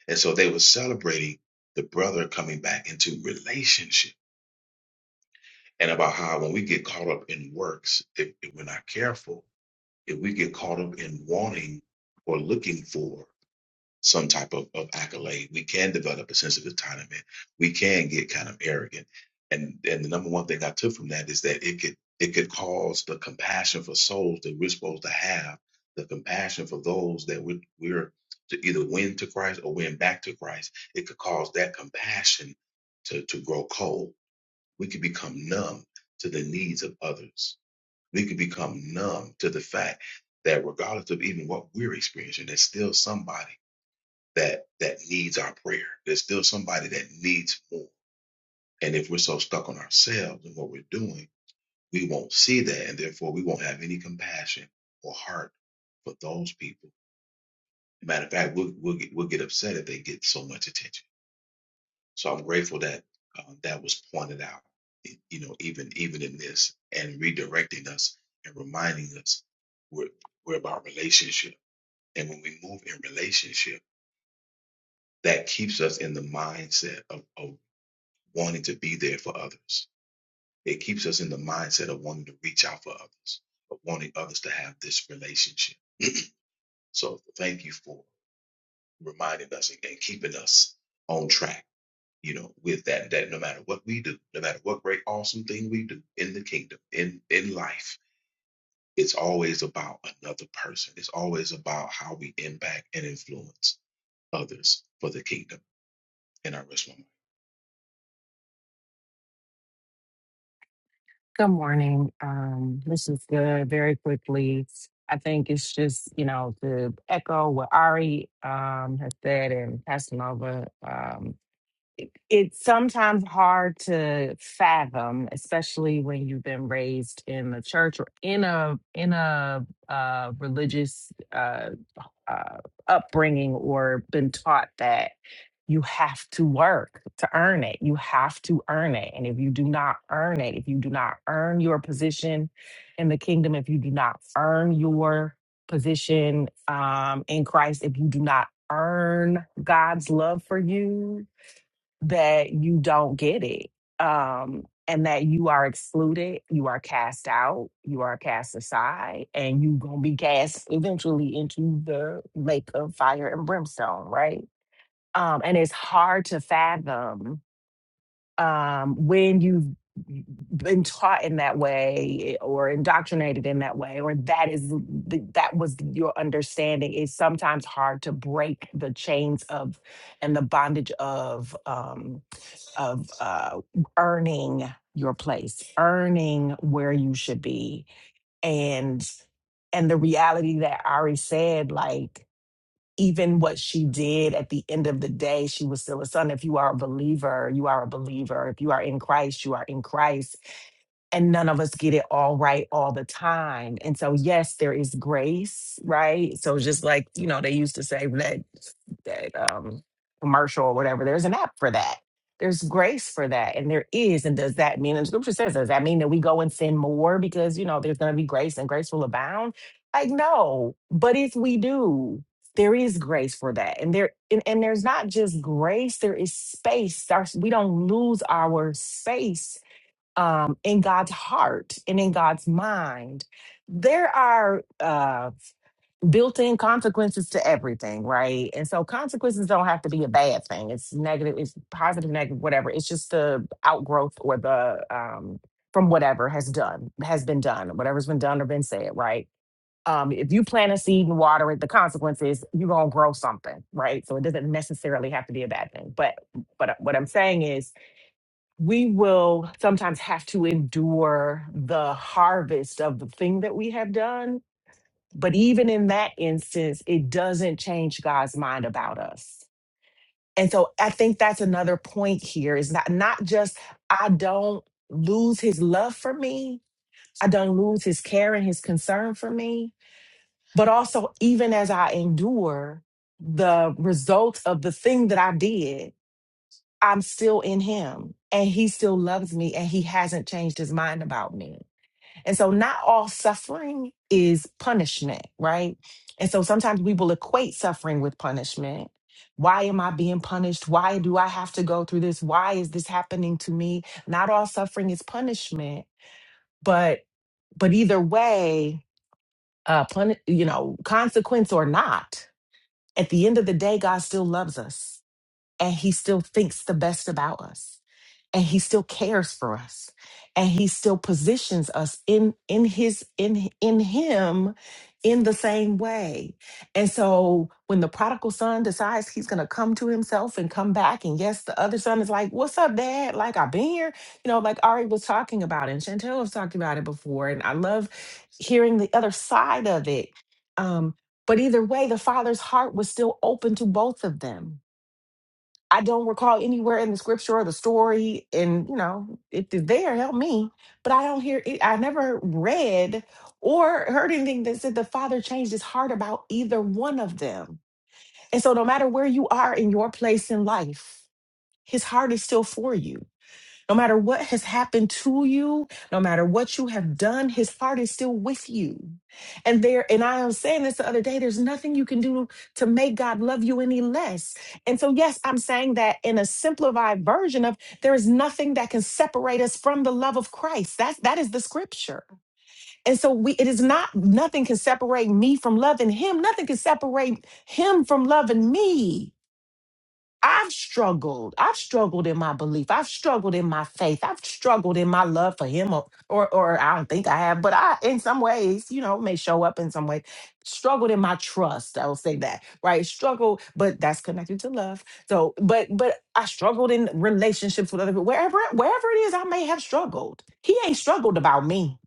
Speaker 9: And so they were celebrating the brother coming back into relationship and about how when we get caught up in works, if, if we're not careful, if we get caught up in wanting or looking for some type of, of accolade. We can develop a sense of entitlement. We can get kind of arrogant. And and the number one thing I took from that is that it could it could cause the compassion for souls that we're supposed to have, the compassion for those that we, we're to either win to Christ or win back to Christ. It could cause that compassion to, to grow cold. We could become numb to the needs of others. We could become numb to the fact that regardless of even what we're experiencing, there's still somebody that that needs our prayer. There's still somebody that needs more. And if we're so stuck on ourselves and what we're doing, we won't see that, and therefore we won't have any compassion or heart for those people. Matter of fact, we'll we'll get, we'll get upset if they get so much attention. So I'm grateful that um, that was pointed out, you know, even even in this and redirecting us and reminding us we're we're about relationship. And when we move in relationship, that keeps us in the mindset of of wanting to be there for others. It keeps us in the mindset of wanting to reach out for others, of wanting others to have this relationship. [CLEARS THROAT] So thank you for reminding us and, and keeping us on track, you know, with that, that no matter what we do, no matter what great, awesome thing we do in the kingdom, in, in life, it's always about another person. It's always about how we impact and influence others for the kingdom in our response.
Speaker 10: Good morning. Um, this is good. Very quickly, I think it's just you know to echo what Ari um, has said and Pastor Nova. Um, it, it's sometimes hard to fathom, especially when you've been raised in the church or in a in a uh, religious uh, uh, upbringing or been taught that you have to work to earn it. You have to earn it. And if you do not earn it, if you do not earn your position in the kingdom, if you do not earn your position um, in Christ, if you do not earn God's love for you, that you don't get it um and that you are excluded you are cast out you are cast aside and you gonna be cast eventually into the lake of fire and brimstone right um and it's hard to fathom um when you've been taught in that way or indoctrinated in that way or that is the, that was your understanding it's sometimes hard to break the chains of and the bondage of um, of uh, earning your place, earning where you should be, and and the reality that Ari said, like even what she did at the end of the day, she was still a son. If you are a believer, you are a believer. If you are in Christ, you are in Christ and none of us get it all right all the time. And so, yes, there is grace, right? So, just like you know, they used to say that that um, commercial or whatever, there's an app for that. There's grace for that, and there is. And does that mean? And Scripture says, does that mean that we go and sin more because you know there's going to be grace and grace will abound? Like no, but if we do. There is grace for that, and there and, and there's not just grace. There is space. Our, we don't lose our space um, in God's heart and in God's mind, there are uh, built in consequences to everything, right? And so consequences don't have to be a bad thing. It's negative, it's positive, negative, whatever. It's just the outgrowth or the um, from whatever has done, has been done, whatever's been done or been said, right? Um, if you plant a seed and water it, the consequence is you're gonna grow something, right? So it doesn't necessarily have to be a bad thing. But but what I'm saying is we will sometimes have to endure the harvest of the thing that we have done. But even in that instance, it doesn't change God's mind about us. And so I think that's another point here is not, not just I don't lose his love for me, I don't lose his care and his concern for me, but also even as I endure the results of the thing that I did, I'm still in him and he still loves me and he hasn't changed his mind about me. And so not all suffering is punishment, right? And so sometimes we will equate suffering with punishment. Why am I being punished? Why do I have to go through this? Why is this happening to me? Not all suffering is punishment, but but either way, uh pun- you know, consequence or not, at the end of the day God still loves us and he still thinks the best about us and he still cares for us and he still positions us in in his in in him in the same way and so when the prodigal son decides he's going to come to himself and come back and yes the other son is like what's up dad like i've been here you know like ari was talking about it and chantel was talking about it before and i love hearing the other side of it um but either way the father's heart was still open to both of them I don't recall anywhere in the scripture or the story, and you know, if it's there, help me. But I don't hear it. I never read or heard anything that said the father changed his heart about either one of them. And so, no matter where you are in your place in life, his heart is still for you. No matter what has happened to you, no matter what you have done, his heart is still with you. And there, and I was saying this the other day, there's nothing you can do to make God love you any less. And so, yes, I'm saying that in a simplified version of there is nothing that can separate us from the love of Christ. That's that is the scripture. And so we it is not nothing can separate me from loving him. Nothing can separate him from loving me. I've struggled. I've struggled in my belief. I've struggled in my faith. I've struggled in my love for him or or, or I don't think I have, but I in some ways, you know, may show up in some way. Struggled in my trust. I will say that. Right? Struggle, but that's connected to love. So, but but I struggled in relationships with other people. Wherever wherever it is I may have struggled. He ain't struggled about me.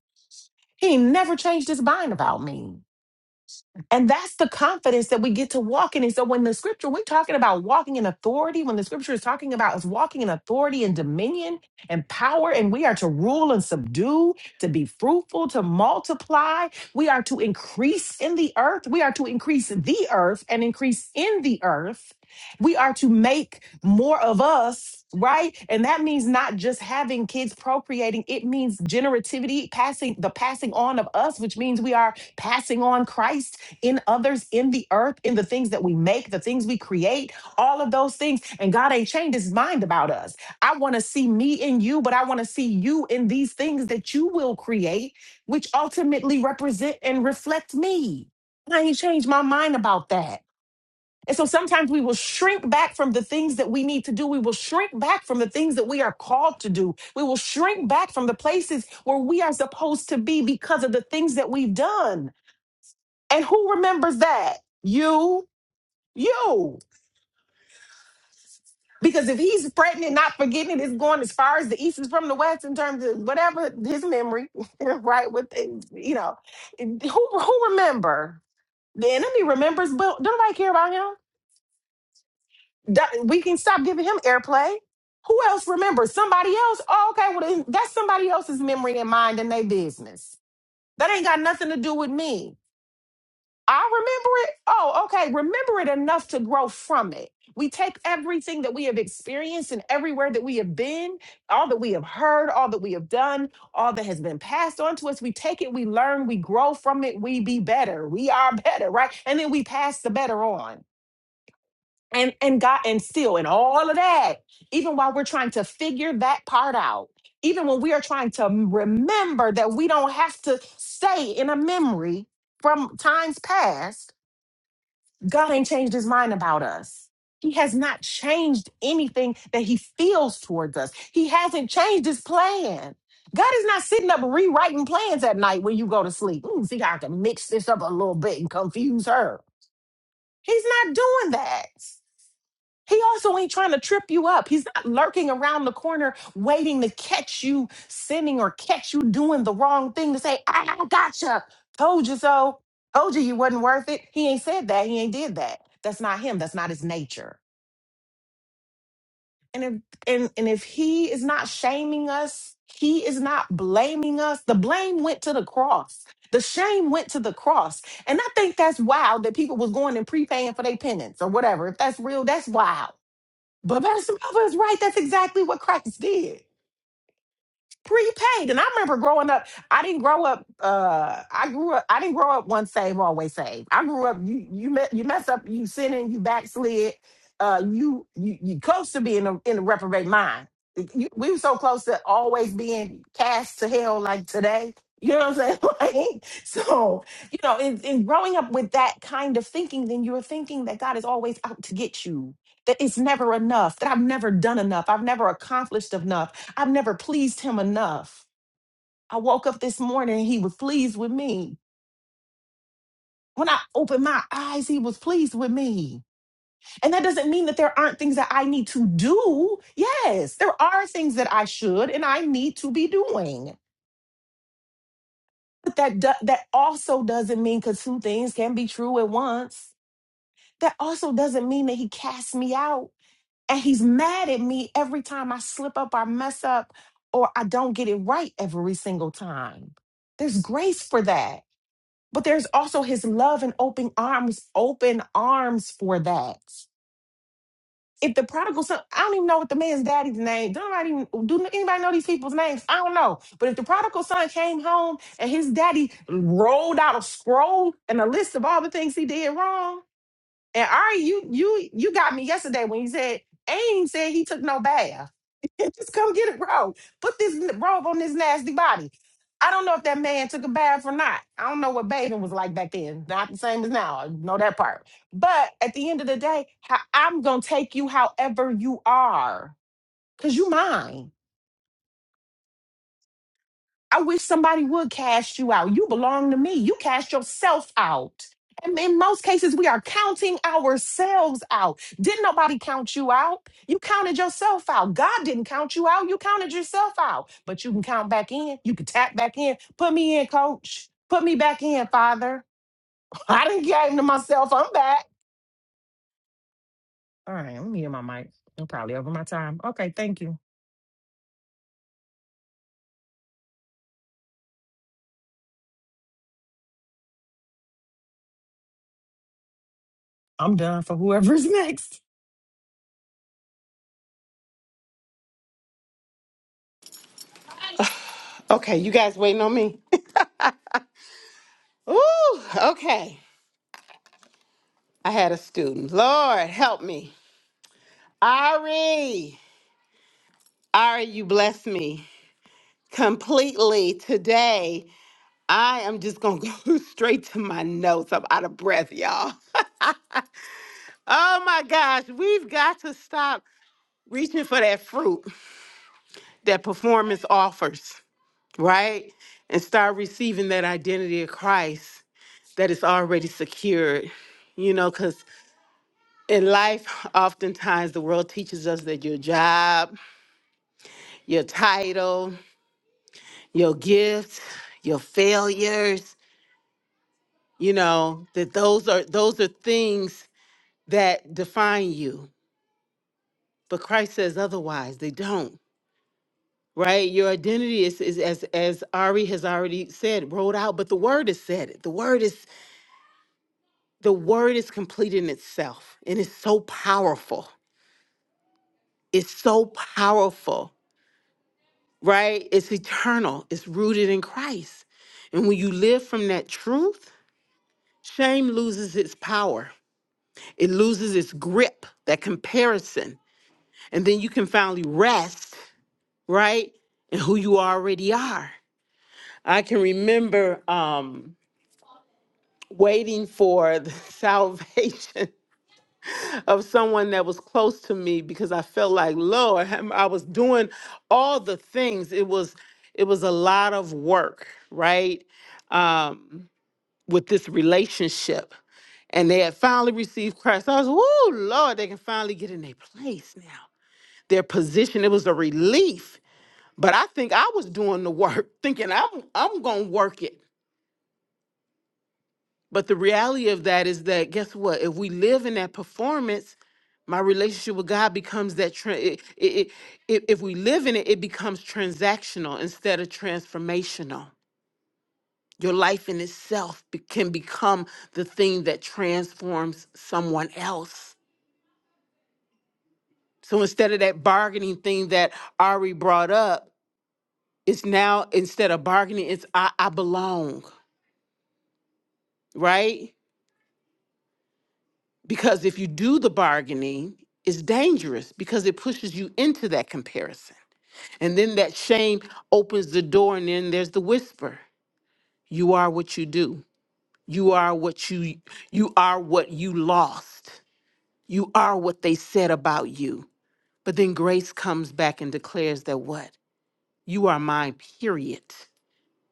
Speaker 10: He ain't never changed his mind about me. And that's the confidence that we get to walk in. And so when the scripture, we're talking about walking in authority, when the scripture is talking about us walking in authority and dominion and power, and we are to rule and subdue, to be fruitful, to multiply, we are to increase in the earth, we are to increase the earth and increase in the earth. We are to make more of us, right? And that means not just having kids procreating, it means generativity, passing the passing on of us, which means we are passing on Christ in others, in the earth, in the things that we make, the things we create, all of those things. And God ain't changed his mind about us. I want to see me in you, but I want to see you in these things that you will create, which ultimately represent and reflect me. And I ain't changed my mind about that. And so sometimes we will shrink back from the things that we need to do. We will shrink back from the things that we are called to do. We will shrink back from the places where we are supposed to be because of the things that we've done. And who remembers that? You, you. Because if he's threatening, not forgetting it, it's going as far as the east is from the west in terms of whatever his memory, [LAUGHS] right? With it, you know, who who remember? The enemy remembers, but don't nobody care about him. That- We can stop giving him airplay. Who else remembers? Somebody else? Oh, okay. Well, then that's somebody else's memory and mind and their business. That ain't got nothing to do with me. I remember it. Oh, okay. Remember it enough to grow from it. We take everything that we have experienced and everywhere that we have been, all that we have heard, all that we have done, all that has been passed on to us. We take it, we learn, we grow from it, we be better, we are [LAUGHS] better, right? And then we pass the better on. And and God and still and all of that, even while we're trying to figure that part out, even when we are trying to remember that we don't have to stay in a memory from times past God ain't changed his mind about us. He has not changed anything that he feels towards us. He hasn't changed his plan. God is not sitting up rewriting plans at night when you go to sleep. "Hmm, see how I can mix this up a little bit and confuse her. He's not doing that. He also ain't trying to trip you up. He's not lurking around the corner waiting to catch you sinning or catch you doing the wrong thing to say, I gotcha. Told you so. Told you you wasn't worth it. He ain't said that. He ain't did that. That's not him. That's not his nature. And if and, and if he is not shaming us, he is not blaming us. The blame went to the cross. The shame went to the cross. And I think that's wild that people was going and prepaying for their penance or whatever. If that's real, that's wild. But Pastor Melva is right. That's exactly what Christ did prepaid. And I remember growing up, I didn't grow up uh I grew up I didn't grow up one save, always save. I grew up you you me, you mess up, you sinning. you backslid. Uh you you you close to being a, in the reprobate mind. You, we were so close to always being cast to hell like today. You know what I'm saying? [LAUGHS] Like, so, you know, in, in growing up with that kind of thinking, then you're thinking that God is always out to get you, that it's never enough, that I've never done enough, I've never accomplished enough. I've never pleased him enough. I woke up this morning, he was pleased with me. When I opened my eyes, he was pleased with me. And that doesn't mean that there aren't things that I need to do. Yes, there are things that I should and I need to be doing. But that do- that also doesn't mean cuz two things can be true at once. That also doesn't mean that he casts me out and he's mad at me every time I slip up or mess up or I don't get it right every single time. There's grace for that But there's also his love and open arms, open arms for that. If the prodigal son, I don't even know what the man's daddy's name. Do not even do anybody know these people's names? I don't know. But if the prodigal son came home and his daddy rolled out a scroll and a list of all the things he did wrong, and Ari, you you you got me yesterday when you said Aim said he took no bath. [LAUGHS] Just come get a robe. Put this n- robe on this nasty body. I don't know if that man took a bath or not. I don't know what bathing was like back then. Not the same as now. I know that part. But at the end of the day, ho- I'm gonna take you however you are, cause you mine. I wish somebody would cast you out. You belong to me. You cast yourself out. And in most cases, we are counting ourselves out. Didn't nobody count you out? You counted yourself out. God didn't count you out. You counted yourself out. But you can count back in. You can tap back in. Put me in, coach. Put me back in, father. [LAUGHS] I didn't get into myself. I'm back. All right, I'm muting my mic. I'm probably over my time. Okay, thank you. I'm done for whoever's [LAUGHS] next.
Speaker 6: okay, you guys waiting on me? Ooh, okay. I had a student. Lord, help me. Ari, Ari, you bless me completely today. I am just going to [LAUGHS] go straight to my notes. I'm out of breath, y'all. Oh my gosh, we've got to stop reaching for that fruit that performance offers, right? And start receiving that identity of Christ that is already secured you know, 'cause In life, oftentimes the world teaches us that your job, your title, your gifts, your failures, you know, that those are those are things that define you. But Christ says otherwise, they don't. Right? Your identity is, is as as Ari has already said, rolled out, but the word has said it. The word is the word is complete in itself and it's so powerful. It's so powerful right? It's eternal, it's rooted in Christ. And when you live from that truth, shame loses its power, it loses its grip, that comparison. And then you can finally rest, right? in who you already are. I can remember um, waiting for the [LAUGHS] salvation of someone that was close to me because I felt like, Lord, [LAUGHS] I'm- I was doing all the things. It was, it was a lot of work, right? Um, with this relationship. And they had finally received Christ. I was, oh Lord, they can finally get in their place now. Their position, it was a relief. But I think I was doing the work, [LAUGHS] thinking I'm I'm gonna work it. But the reality of that is that guess what? If we live in that performance, my relationship with God becomes that. Tra- it, it, it, if if we live in it, it becomes transactional instead of transformational. Your life in itself be- can become the thing that transforms someone else. So instead of that bargaining thing that Ari brought up, it's now instead of bargaining, it's I, I belong, right? Because if you do the bargaining, it's dangerous because it pushes you into that comparison. And then that shame opens the door, and then there's the whisper you are what you do, you are what you, you are what you lost. You are what they said about you. But then grace comes back and declares that what? You are mine, period.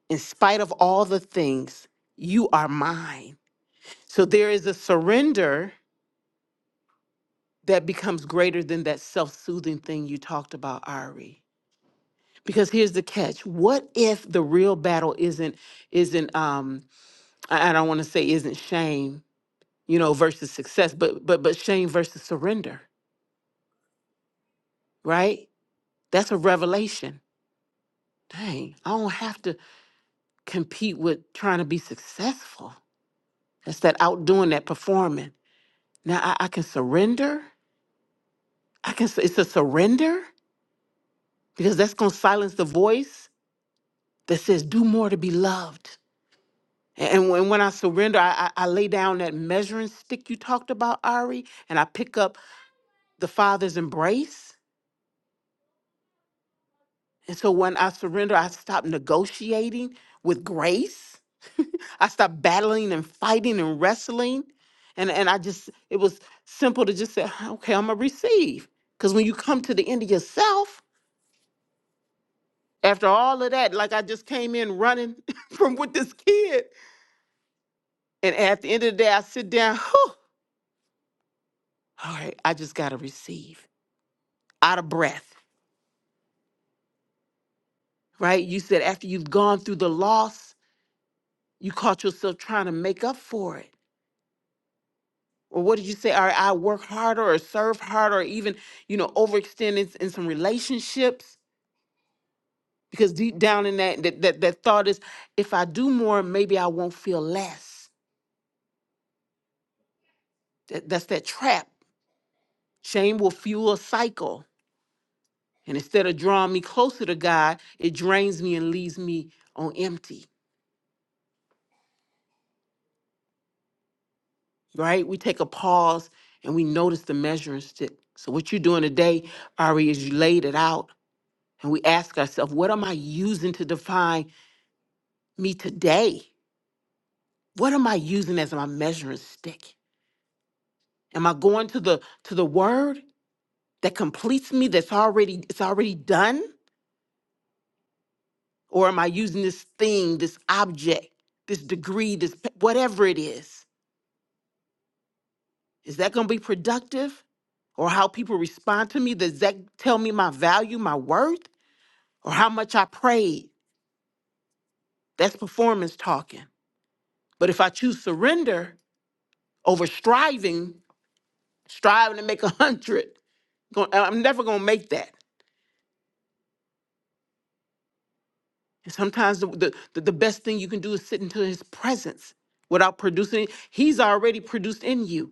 Speaker 6: In spite of all the things, you are mine. So there is a surrender that becomes greater than that self soothing thing you talked about, Ari. Because here's the catch. What if the real battle isn't isn't um I I don't want to say isn't shame, you know, versus success, but but but shame versus surrender, right? That's a revelation dang, I don't have to compete with trying to be successful. It's that outdoing, that performing. Now I, I can surrender. I can. s- It's a surrender because that's gonna silence the voice that says, "Do more to be loved." A- And when, when I surrender, I, I, I lay down that measuring stick you talked about, Ari, and I pick up the Father's embrace. And so when I surrender, I stop negotiating with grace. [LAUGHS] I stopped battling and fighting and wrestling. And and I just it was simple to just say, "Huh, okay, I'm gonna receive. Because when you come to the end of yourself, after all of that, like I just came in running [LAUGHS] from with this kid. And at the end of the day, I sit down, [LAUGHS] whew, all right, I just gotta receive. Out of breath. Right? You said after you've gone through the loss, you caught yourself trying to make up for it. or what did you say? Or I work harder or serve harder or even, you know, overextend in, in some relationships. Because deep down in that, that that that thought is if I do more, maybe I won't feel less. That, that's that trap. Shame will fuel a cycle. And instead of drawing me closer to God, it drains me and leaves me on empty. Right? We take a pause and we notice the measuring stick. So what you're doing today, Ari, is you laid it out and we ask ourselves, what am I using to define? me today? What am I using as my measuring stick? Am I going to the to the word that completes me that's already it's already done? Or am I using this thing, this object, this degree, this p- whatever it is? Is that going to be productive? Or how people respond to me? Does that tell me my value, my worth, or how much I prayed? That's performance talking. But if I choose surrender over striving, striving to make a hundred, go- I'm never going to make that. Sometimes the, the, the the best thing you can do is sit into his presence without producing. He's already produced in you.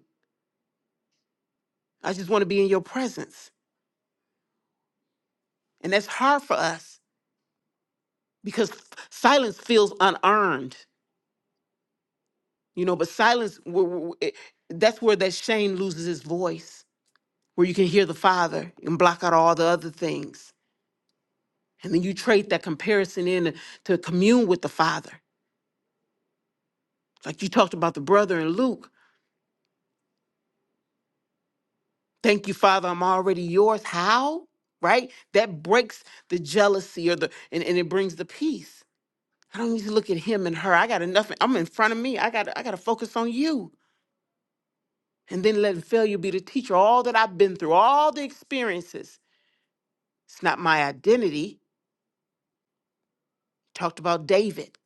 Speaker 6: I just want to be in your presence. And that's hard for us because f- silence feels unearned, you know, but silence, w- w- it- that's where that Shane loses his voice, where you can hear the Father and block out all the other things. And then you trade that comparison in to commune with the Father. Like you talked about the brother in Luke Thank you, Father. I'm already yours. How? Right? That breaks the jealousy or the and, and it brings the peace. I don't need to look at him and her. I got enough. I'm in front of me. I got I gotta focus on you. And then letting failure be the teacher. All that I've been through, all the experiences. It's not my identity. Talked about David.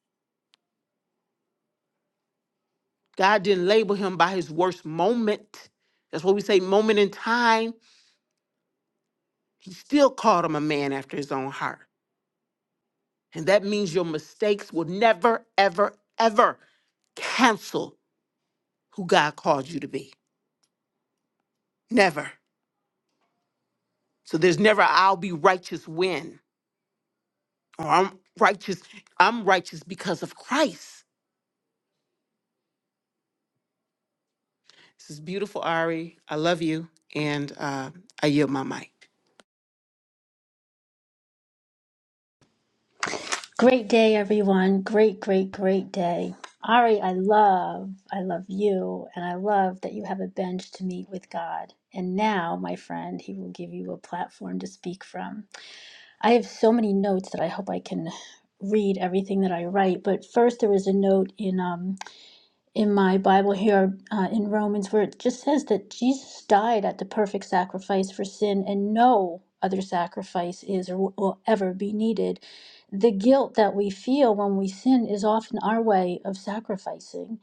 Speaker 6: God didn't label him by his worst moment. That's what we say, moment in time. He still called him a man after his own heart. And that means your mistakes will never, ever, ever cancel who God called you to be. Never. So there's never i I'll be righteous when or I'm righteous. I'm righteous because of Christ. This is beautiful, Ari. I love you. And uh, I yield my mic.
Speaker 2: Great day, everyone. Great, great, great day. Ari, I love, I love you, and I love that you have a bench to meet with God. And now, my friend, he will give you a platform to speak from. I have so many notes that I hope I can read everything that I write. But first, there is a note in um, in my Bible here uh, in Romans where it just says that Jesus died at the perfect sacrifice for sin and no other sacrifice is or will will ever be needed. The guilt that we feel when we sin is often our way of sacrificing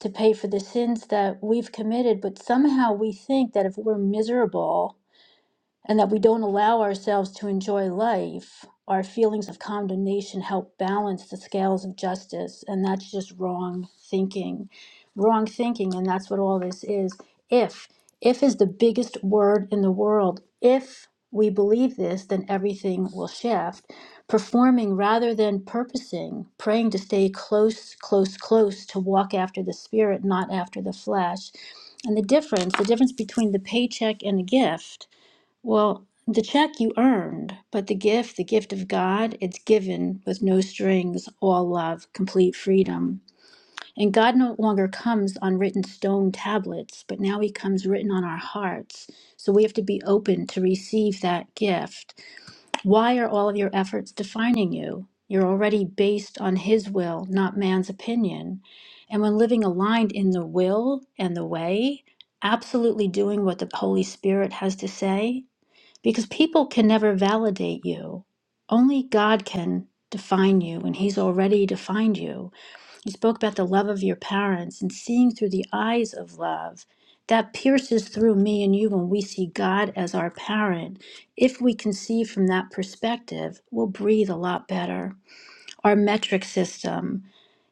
Speaker 2: to pay for the sins that we've committed, but somehow we think that if we're miserable, and that we don't allow ourselves to enjoy life, our feelings of condemnation help balance the scales of justice. And that's just wrong thinking. Wrong thinking, and that's what all this is. If, if is the biggest word in the world. If we believe this, then everything will shift. Performing rather than purposing, praying to stay close, close, close, to walk after the spirit, not after the flesh. And the difference, the difference between the paycheck and the gift well, the check you earned, but the gift, the gift of God, it's given with no strings, all love, complete freedom. And God no longer comes on written stone tablets, but now He comes written on our hearts. So we have to be open to receive that gift. Why are all of your efforts defining you? You're already based on His will, not man's opinion. And when living aligned in the will and the way, absolutely doing what the Holy Spirit has to say, because people can never validate you. Only God can define you, and He's already defined you. You spoke about the love of your parents and seeing through the eyes of love. That pierces through me and you when we see God as our parent. If we can see from that perspective, we'll breathe a lot better. Our metric system,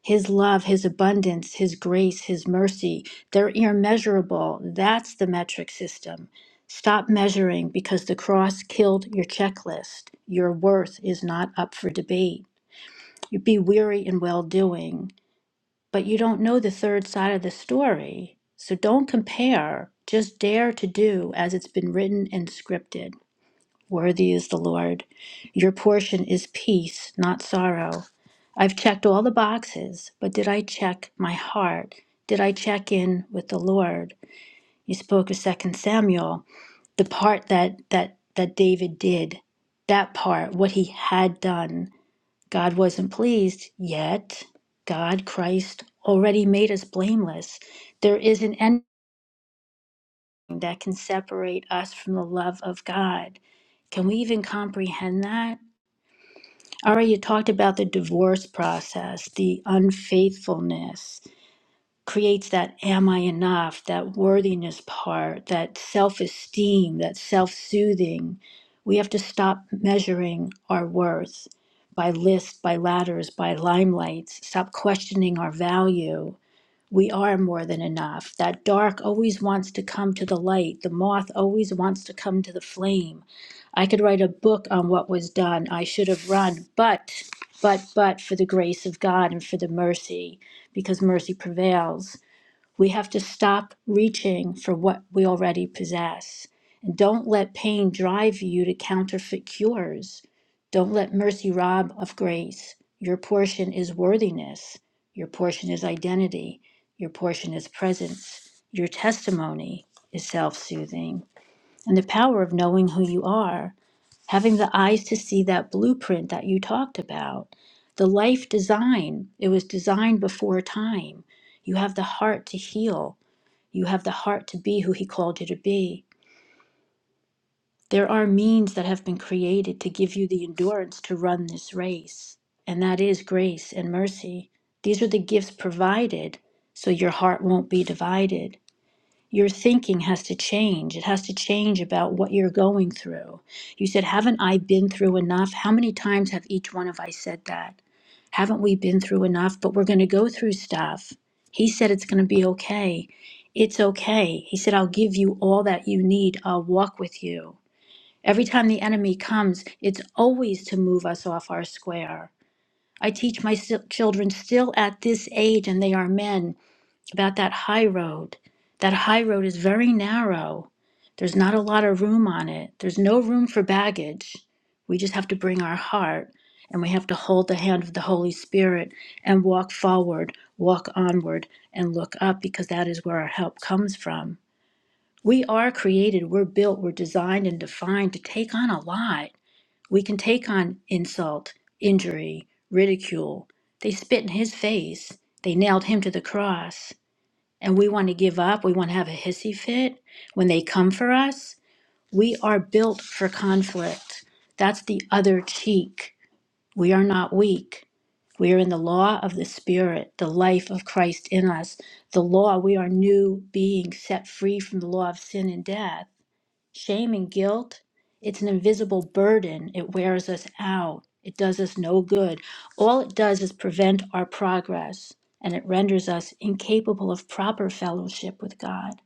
Speaker 2: his love, His abundance, His grace, His mercy, they're immeasurable. That's the metric system. Stop measuring because the cross killed your checklist. Your worth is not up for debate. You be weary in well doing, but you don't know the third side of the story. So don't compare. Just dare to do as it's been written and scripted. Worthy is the Lord. Your portion is peace, not sorrow. I've checked all the boxes, but did I check my heart? Did I check in with the Lord? You spoke of Second Samuel, the part that that that David did, that part, what he had done. God wasn't pleased yet. God, Christ, already made us blameless. There isn't anything that can separate us from the love of God. Can we even comprehend that? Ari, you talked about the divorce process, the unfaithfulness creates that am I enough, that worthiness part, that self esteem, that self soothing. We have to stop measuring our worth by lists, by ladders, by limelights, stop questioning our value we are more than enough. That dark always wants to come to the light. The moth always wants to come to the flame. I could write a book on what was done. I should have run, but, but, but for the grace of God and for the mercy, because mercy prevails. We have to stop reaching for what we already possess. And don't let pain drive you to counterfeit cures. Don't let mercy rob of grace. Your portion is worthiness. Your portion is identity. Your portion is presence. Your testimony is self soothing. And the power of knowing who you are, having the eyes to see that blueprint that you talked about, the life design, it was designed before time. You have the heart to heal you have the heart to be who He called you to be. There are means that have been created to give you the endurance to run this race, and that is grace and mercy. These are the gifts provided so your heart won't be divided. Your thinking has to change. It has to change about what you're going through. You said, Haven't I been through enough? How many times have each one of us said that? Haven't we been through enough? But we're going to go through stuff. He said, It's going to be okay. It's okay. He said, I'll give you all that you need. I'll walk with you. Every time the enemy comes, it's always to move us off our square. I teach my sil- children still at this age, and they are men about that high road. That high road is very narrow. There's not a lot of room on it. There's no room for baggage. We just have to bring our heart and we have to hold the hand of the Holy Spirit and walk forward, walk onward, and look up because that is where our help comes from. We are created, we're built, we're designed and defined to take on a lot. We can take on insult, injury, ridicule. They spit in his face, they nailed him to the cross and we want to give up, we want to have a hissy fit when they come for us, we are built for conflict. That's the other cheek. We are not weak. We are in the law of the Spirit, the life of Christ in us. The law, we are new beings set free from the law of sin and death. Shame and guilt, it's an invisible burden. It wears us out. It does us no good. All it does is prevent our progress, and it renders us incapable of proper fellowship with God.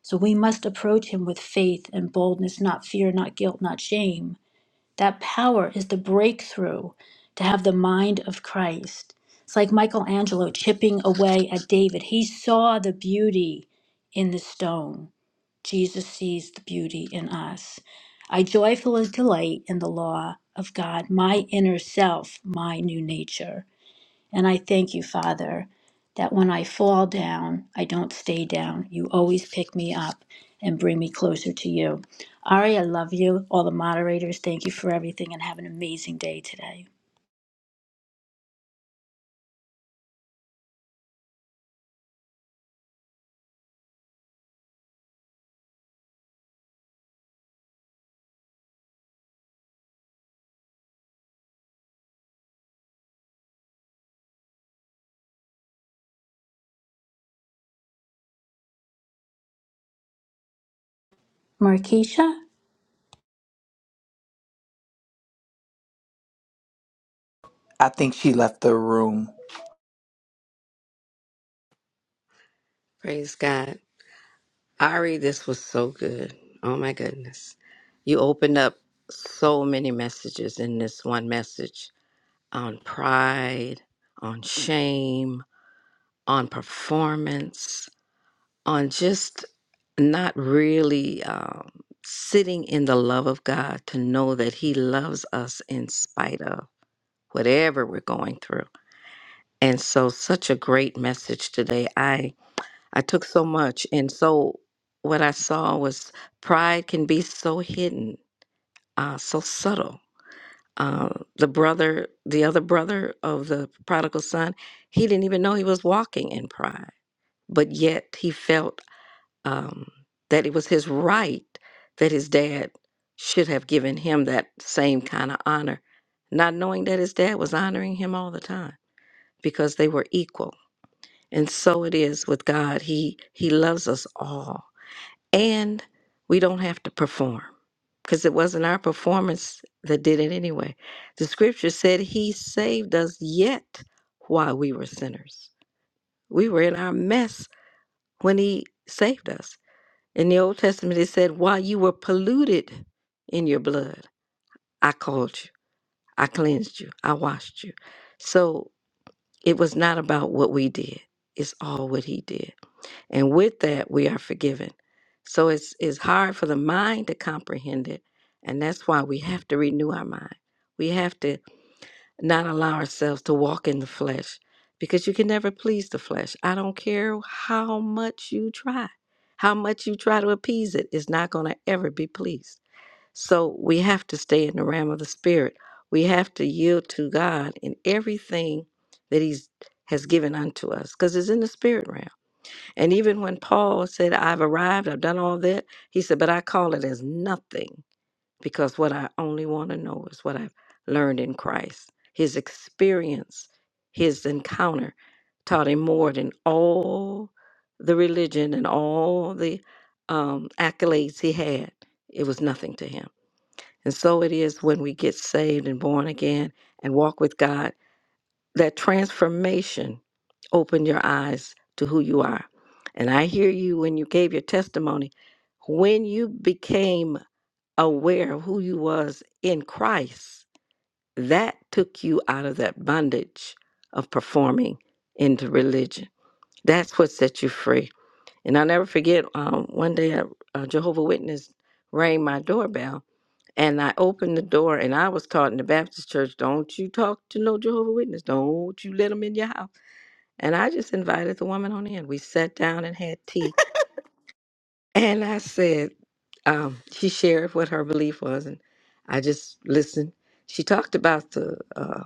Speaker 2: So we must approach Him with faith and boldness, not fear, not guilt, not shame. That power is the breakthrough to have the mind of Christ. It's like Michelangelo chipping away at David. He saw the beauty in the stone Jesus sees the beauty in us. I joyfully delight in the law of God, my inner self, my new nature. And I thank you, Father, that when I fall down, I don't stay down. You always pick me up and bring me closer to you. Ari, I love you. All the moderators, thank you for everything and have an amazing day today. Markeisha?
Speaker 8: I think she left the room.
Speaker 11: Praise God. Ari, this was so good. Oh my goodness. You opened up so many messages in this one message on pride, on shame, on performance, on just not really um, sitting in the love of God to know that He loves us in spite of whatever we're going through. And so, such a great message today. I. I took so much. And so what I saw was pride can be so hidden, uh, so subtle. Uh, the brother, the other brother of the prodigal son, he didn't even know he was walking in pride, but yet he felt um, that it was his right that his dad should have given him that same kind of honor, not knowing that his dad was honoring him all the time because they were equal. And so it is with God. He He loves us all and we don't have to perform because it wasn't our performance that did it anyway. The scripture said he saved us yet while we were sinners. We were in our mess when he saved us. In the Old Testament, it said, while you were polluted in your blood, I called you, I cleansed you, I washed you. So it was not about what we did, it's all what he did. and with that we are forgiven so it's it's hard for the mind to comprehend it and that's why we have to renew our mind we have to not allow ourselves to walk in the flesh because you can never please the flesh i don't care how much you try how much you try to appease it it's not going to ever be pleased so we have to stay in the realm of the spirit we have to yield to god in everything that he's has given unto us because it's in the spirit realm and even when Paul said, I've arrived, I've done all that, he said, but I call it as nothing because what I only want to know is what I've learned in Christ. His experience, his encounter taught him more than all the religion and all the um, accolades he had. It was nothing to him. And so it is when we get saved and born again and walk with God that transformation opened your eyes to who you are. And I hear you when you gave your testimony. When you became aware of who you was in Christ, that took you out of that bondage of performing into religion. That's what set you free. And I'll never forget um, one day a, a Jehovah Witness rang my doorbell and I opened the door and I was taught in the Baptist church, don't you talk to no Jehovah Witness. Don't you let them in your house. And I just invited the woman on in. We sat down and had tea. And I said, um, she shared what her belief was, and I just listened. She talked about the uh,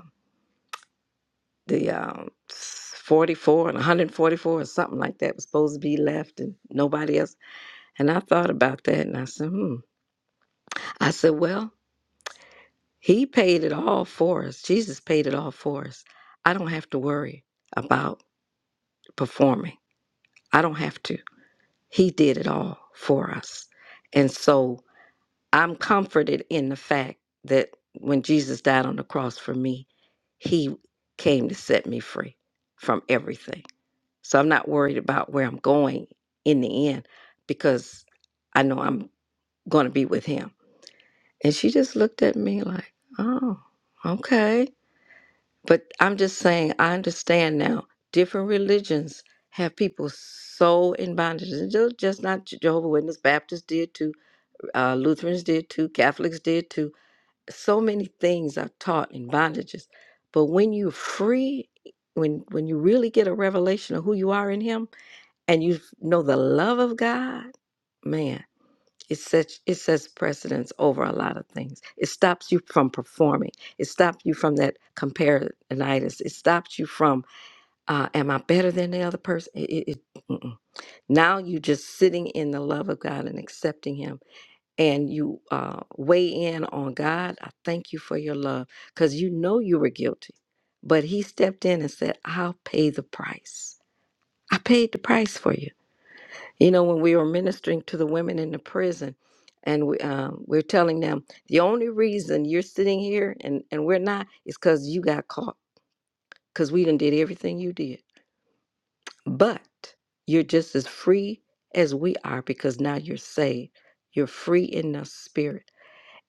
Speaker 11: the um, 44 and 144 or something like that was supposed to be left and nobody else. And I thought about that and I said, hmm. I said, well, he paid it all for us. Jesus paid it all for us. I don't have to worry about performing. I don't have to. He did it all for us. And so I'm comforted in the fact that when Jesus died on the cross for me, he came to set me free from everything. So I'm not worried about where I'm going in the end because I know I'm going to be with him. And she just looked at me like, oh, okay but I'm just saying, I understand now. Different religions have people so in bondage. It's ju- just not Jehovah Witness, Baptists did too, uh, Lutherans did too, Catholics did too. So many things are taught in bondages. But when you're free, when when you really get a revelation of who you are in Him, and you know the love of God, man. It sets it sets precedence over a lot of things. It stops you from performing. It stops you from that comparisonitis. It stops you from, uh, am I better than the other person? It, it, it- mm-mm. now you just sitting in the love of God and accepting Him, and you uh, weigh in on God. I thank you for your love because you know you were guilty, but He stepped in and said, "I'll pay the price. I paid the price for you." You know, when we were ministering to the women in the prison, and we, um, we're telling them the only reason you're sitting here and, and we're not is because you got caught, because we done did everything you did. But you're just as free as we are because now you're saved. You're free in the spirit.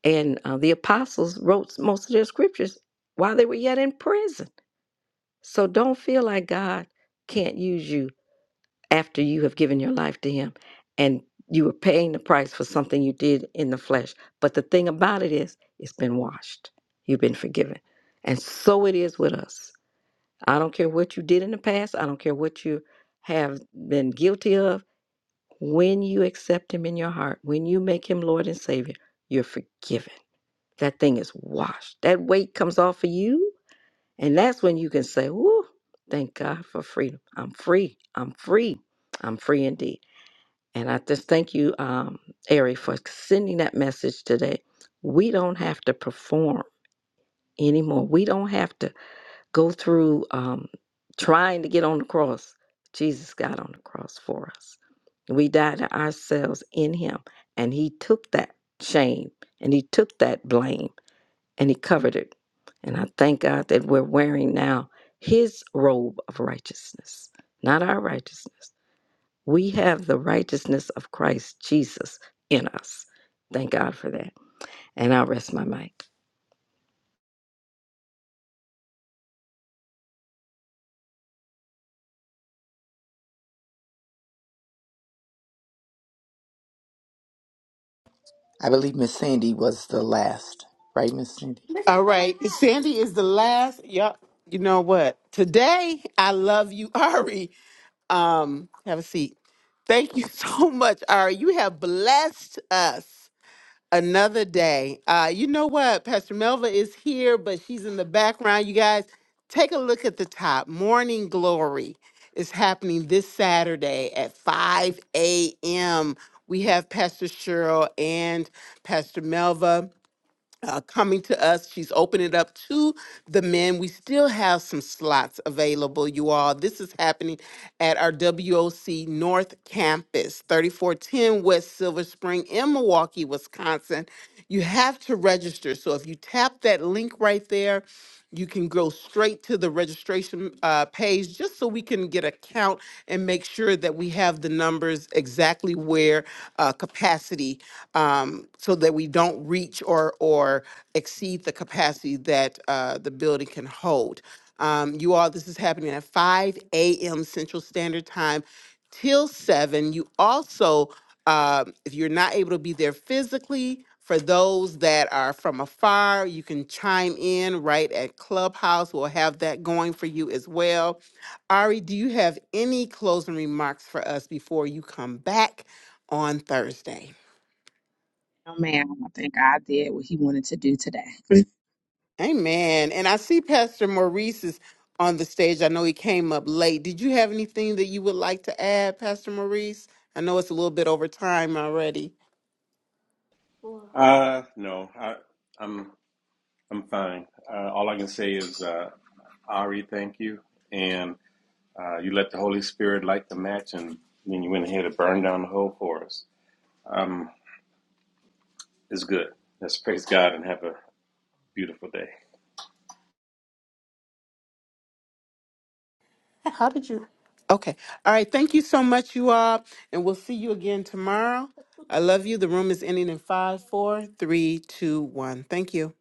Speaker 11: And uh, the apostles wrote most of their scriptures while they were yet in prison. So don't feel like God can't use you after you have given your life to him and you are paying the price for something you did in the flesh but the thing about it is it's been washed you've been forgiven and so it is with us i don't care what you did in the past i don't care what you have been guilty of when you accept him in your heart when you make him lord and savior you're forgiven that thing is washed that weight comes off of you and that's when you can say "Ooh, thank god for freedom i'm free i'm free i'm free indeed and I just thank you, um, Ari, for sending that message today. We don't have to perform anymore. We don't have to go through um, trying to get on the cross. Jesus got on the cross for us. We died to ourselves in Him, and He took that shame and He took that blame and He covered it. And I thank God that we're wearing now His robe of righteousness, not our righteousness we have the righteousness of Christ Jesus in us. Thank God for that. And I'll rest my mic.
Speaker 8: I believe Miss Sandy was the last, right, Miss Sandy?
Speaker 6: All right. Sandy is the last. Yup. You know what? Today, I love you, [LAUGHS] Ari. Um, have a seat. Thank you [LAUGHS] so much, Ari. You have blessed us. another day. Uh, you know what? Pastor Melva is here, but she's in the background. You guys, take a look at the top. Morning Glory is happening this Saturday at 5 a.m. We have Pastor Cheryl and Pastor Melva uh, coming to us. She's opening it up to the men. We still have some slots available, you all. This is happening at our WOC North Campus, 3410 West Silver Spring in Milwaukee, Wisconsin. You have to register. So if you tap that link right right there. You can go straight to the registration uh, page just so we can get a count and make sure that we have the numbers exactly where uh, capacity um, so that we don't reach or, or exceed the capacity that uh, the building can hold. Um, you all, this is happening at 5 a.m. Central Standard Time till 7. You also um, if you're not able to be there physically, for those that are from afar, you can chime in right at Clubhouse. We'll have that going for you as well. Ari, do you have any closing remarks for us before you come back on Thursday?
Speaker 5: Oh man, I think God did what He wanted to do today.
Speaker 6: Amen. And I see Pastor Maurice is on the stage. I know he came up late. Did you have anything that you would like to add, Pastor Maurice? I know it's a little bit over time already.
Speaker 12: Uh, no, I, I'm I'm fine. Uh, all I can say is, uh, Ari, thank you, and uh, you let the Holy Spirit light the match, and then you went ahead and burned down the whole forest. Um, it's good. Let's praise God and have a beautiful day.
Speaker 6: How did you? Okay. All right. Thank you so much, you all. And we'll see you again tomorrow. I love you. The room is ending in five, four, three, two, one. Thank you.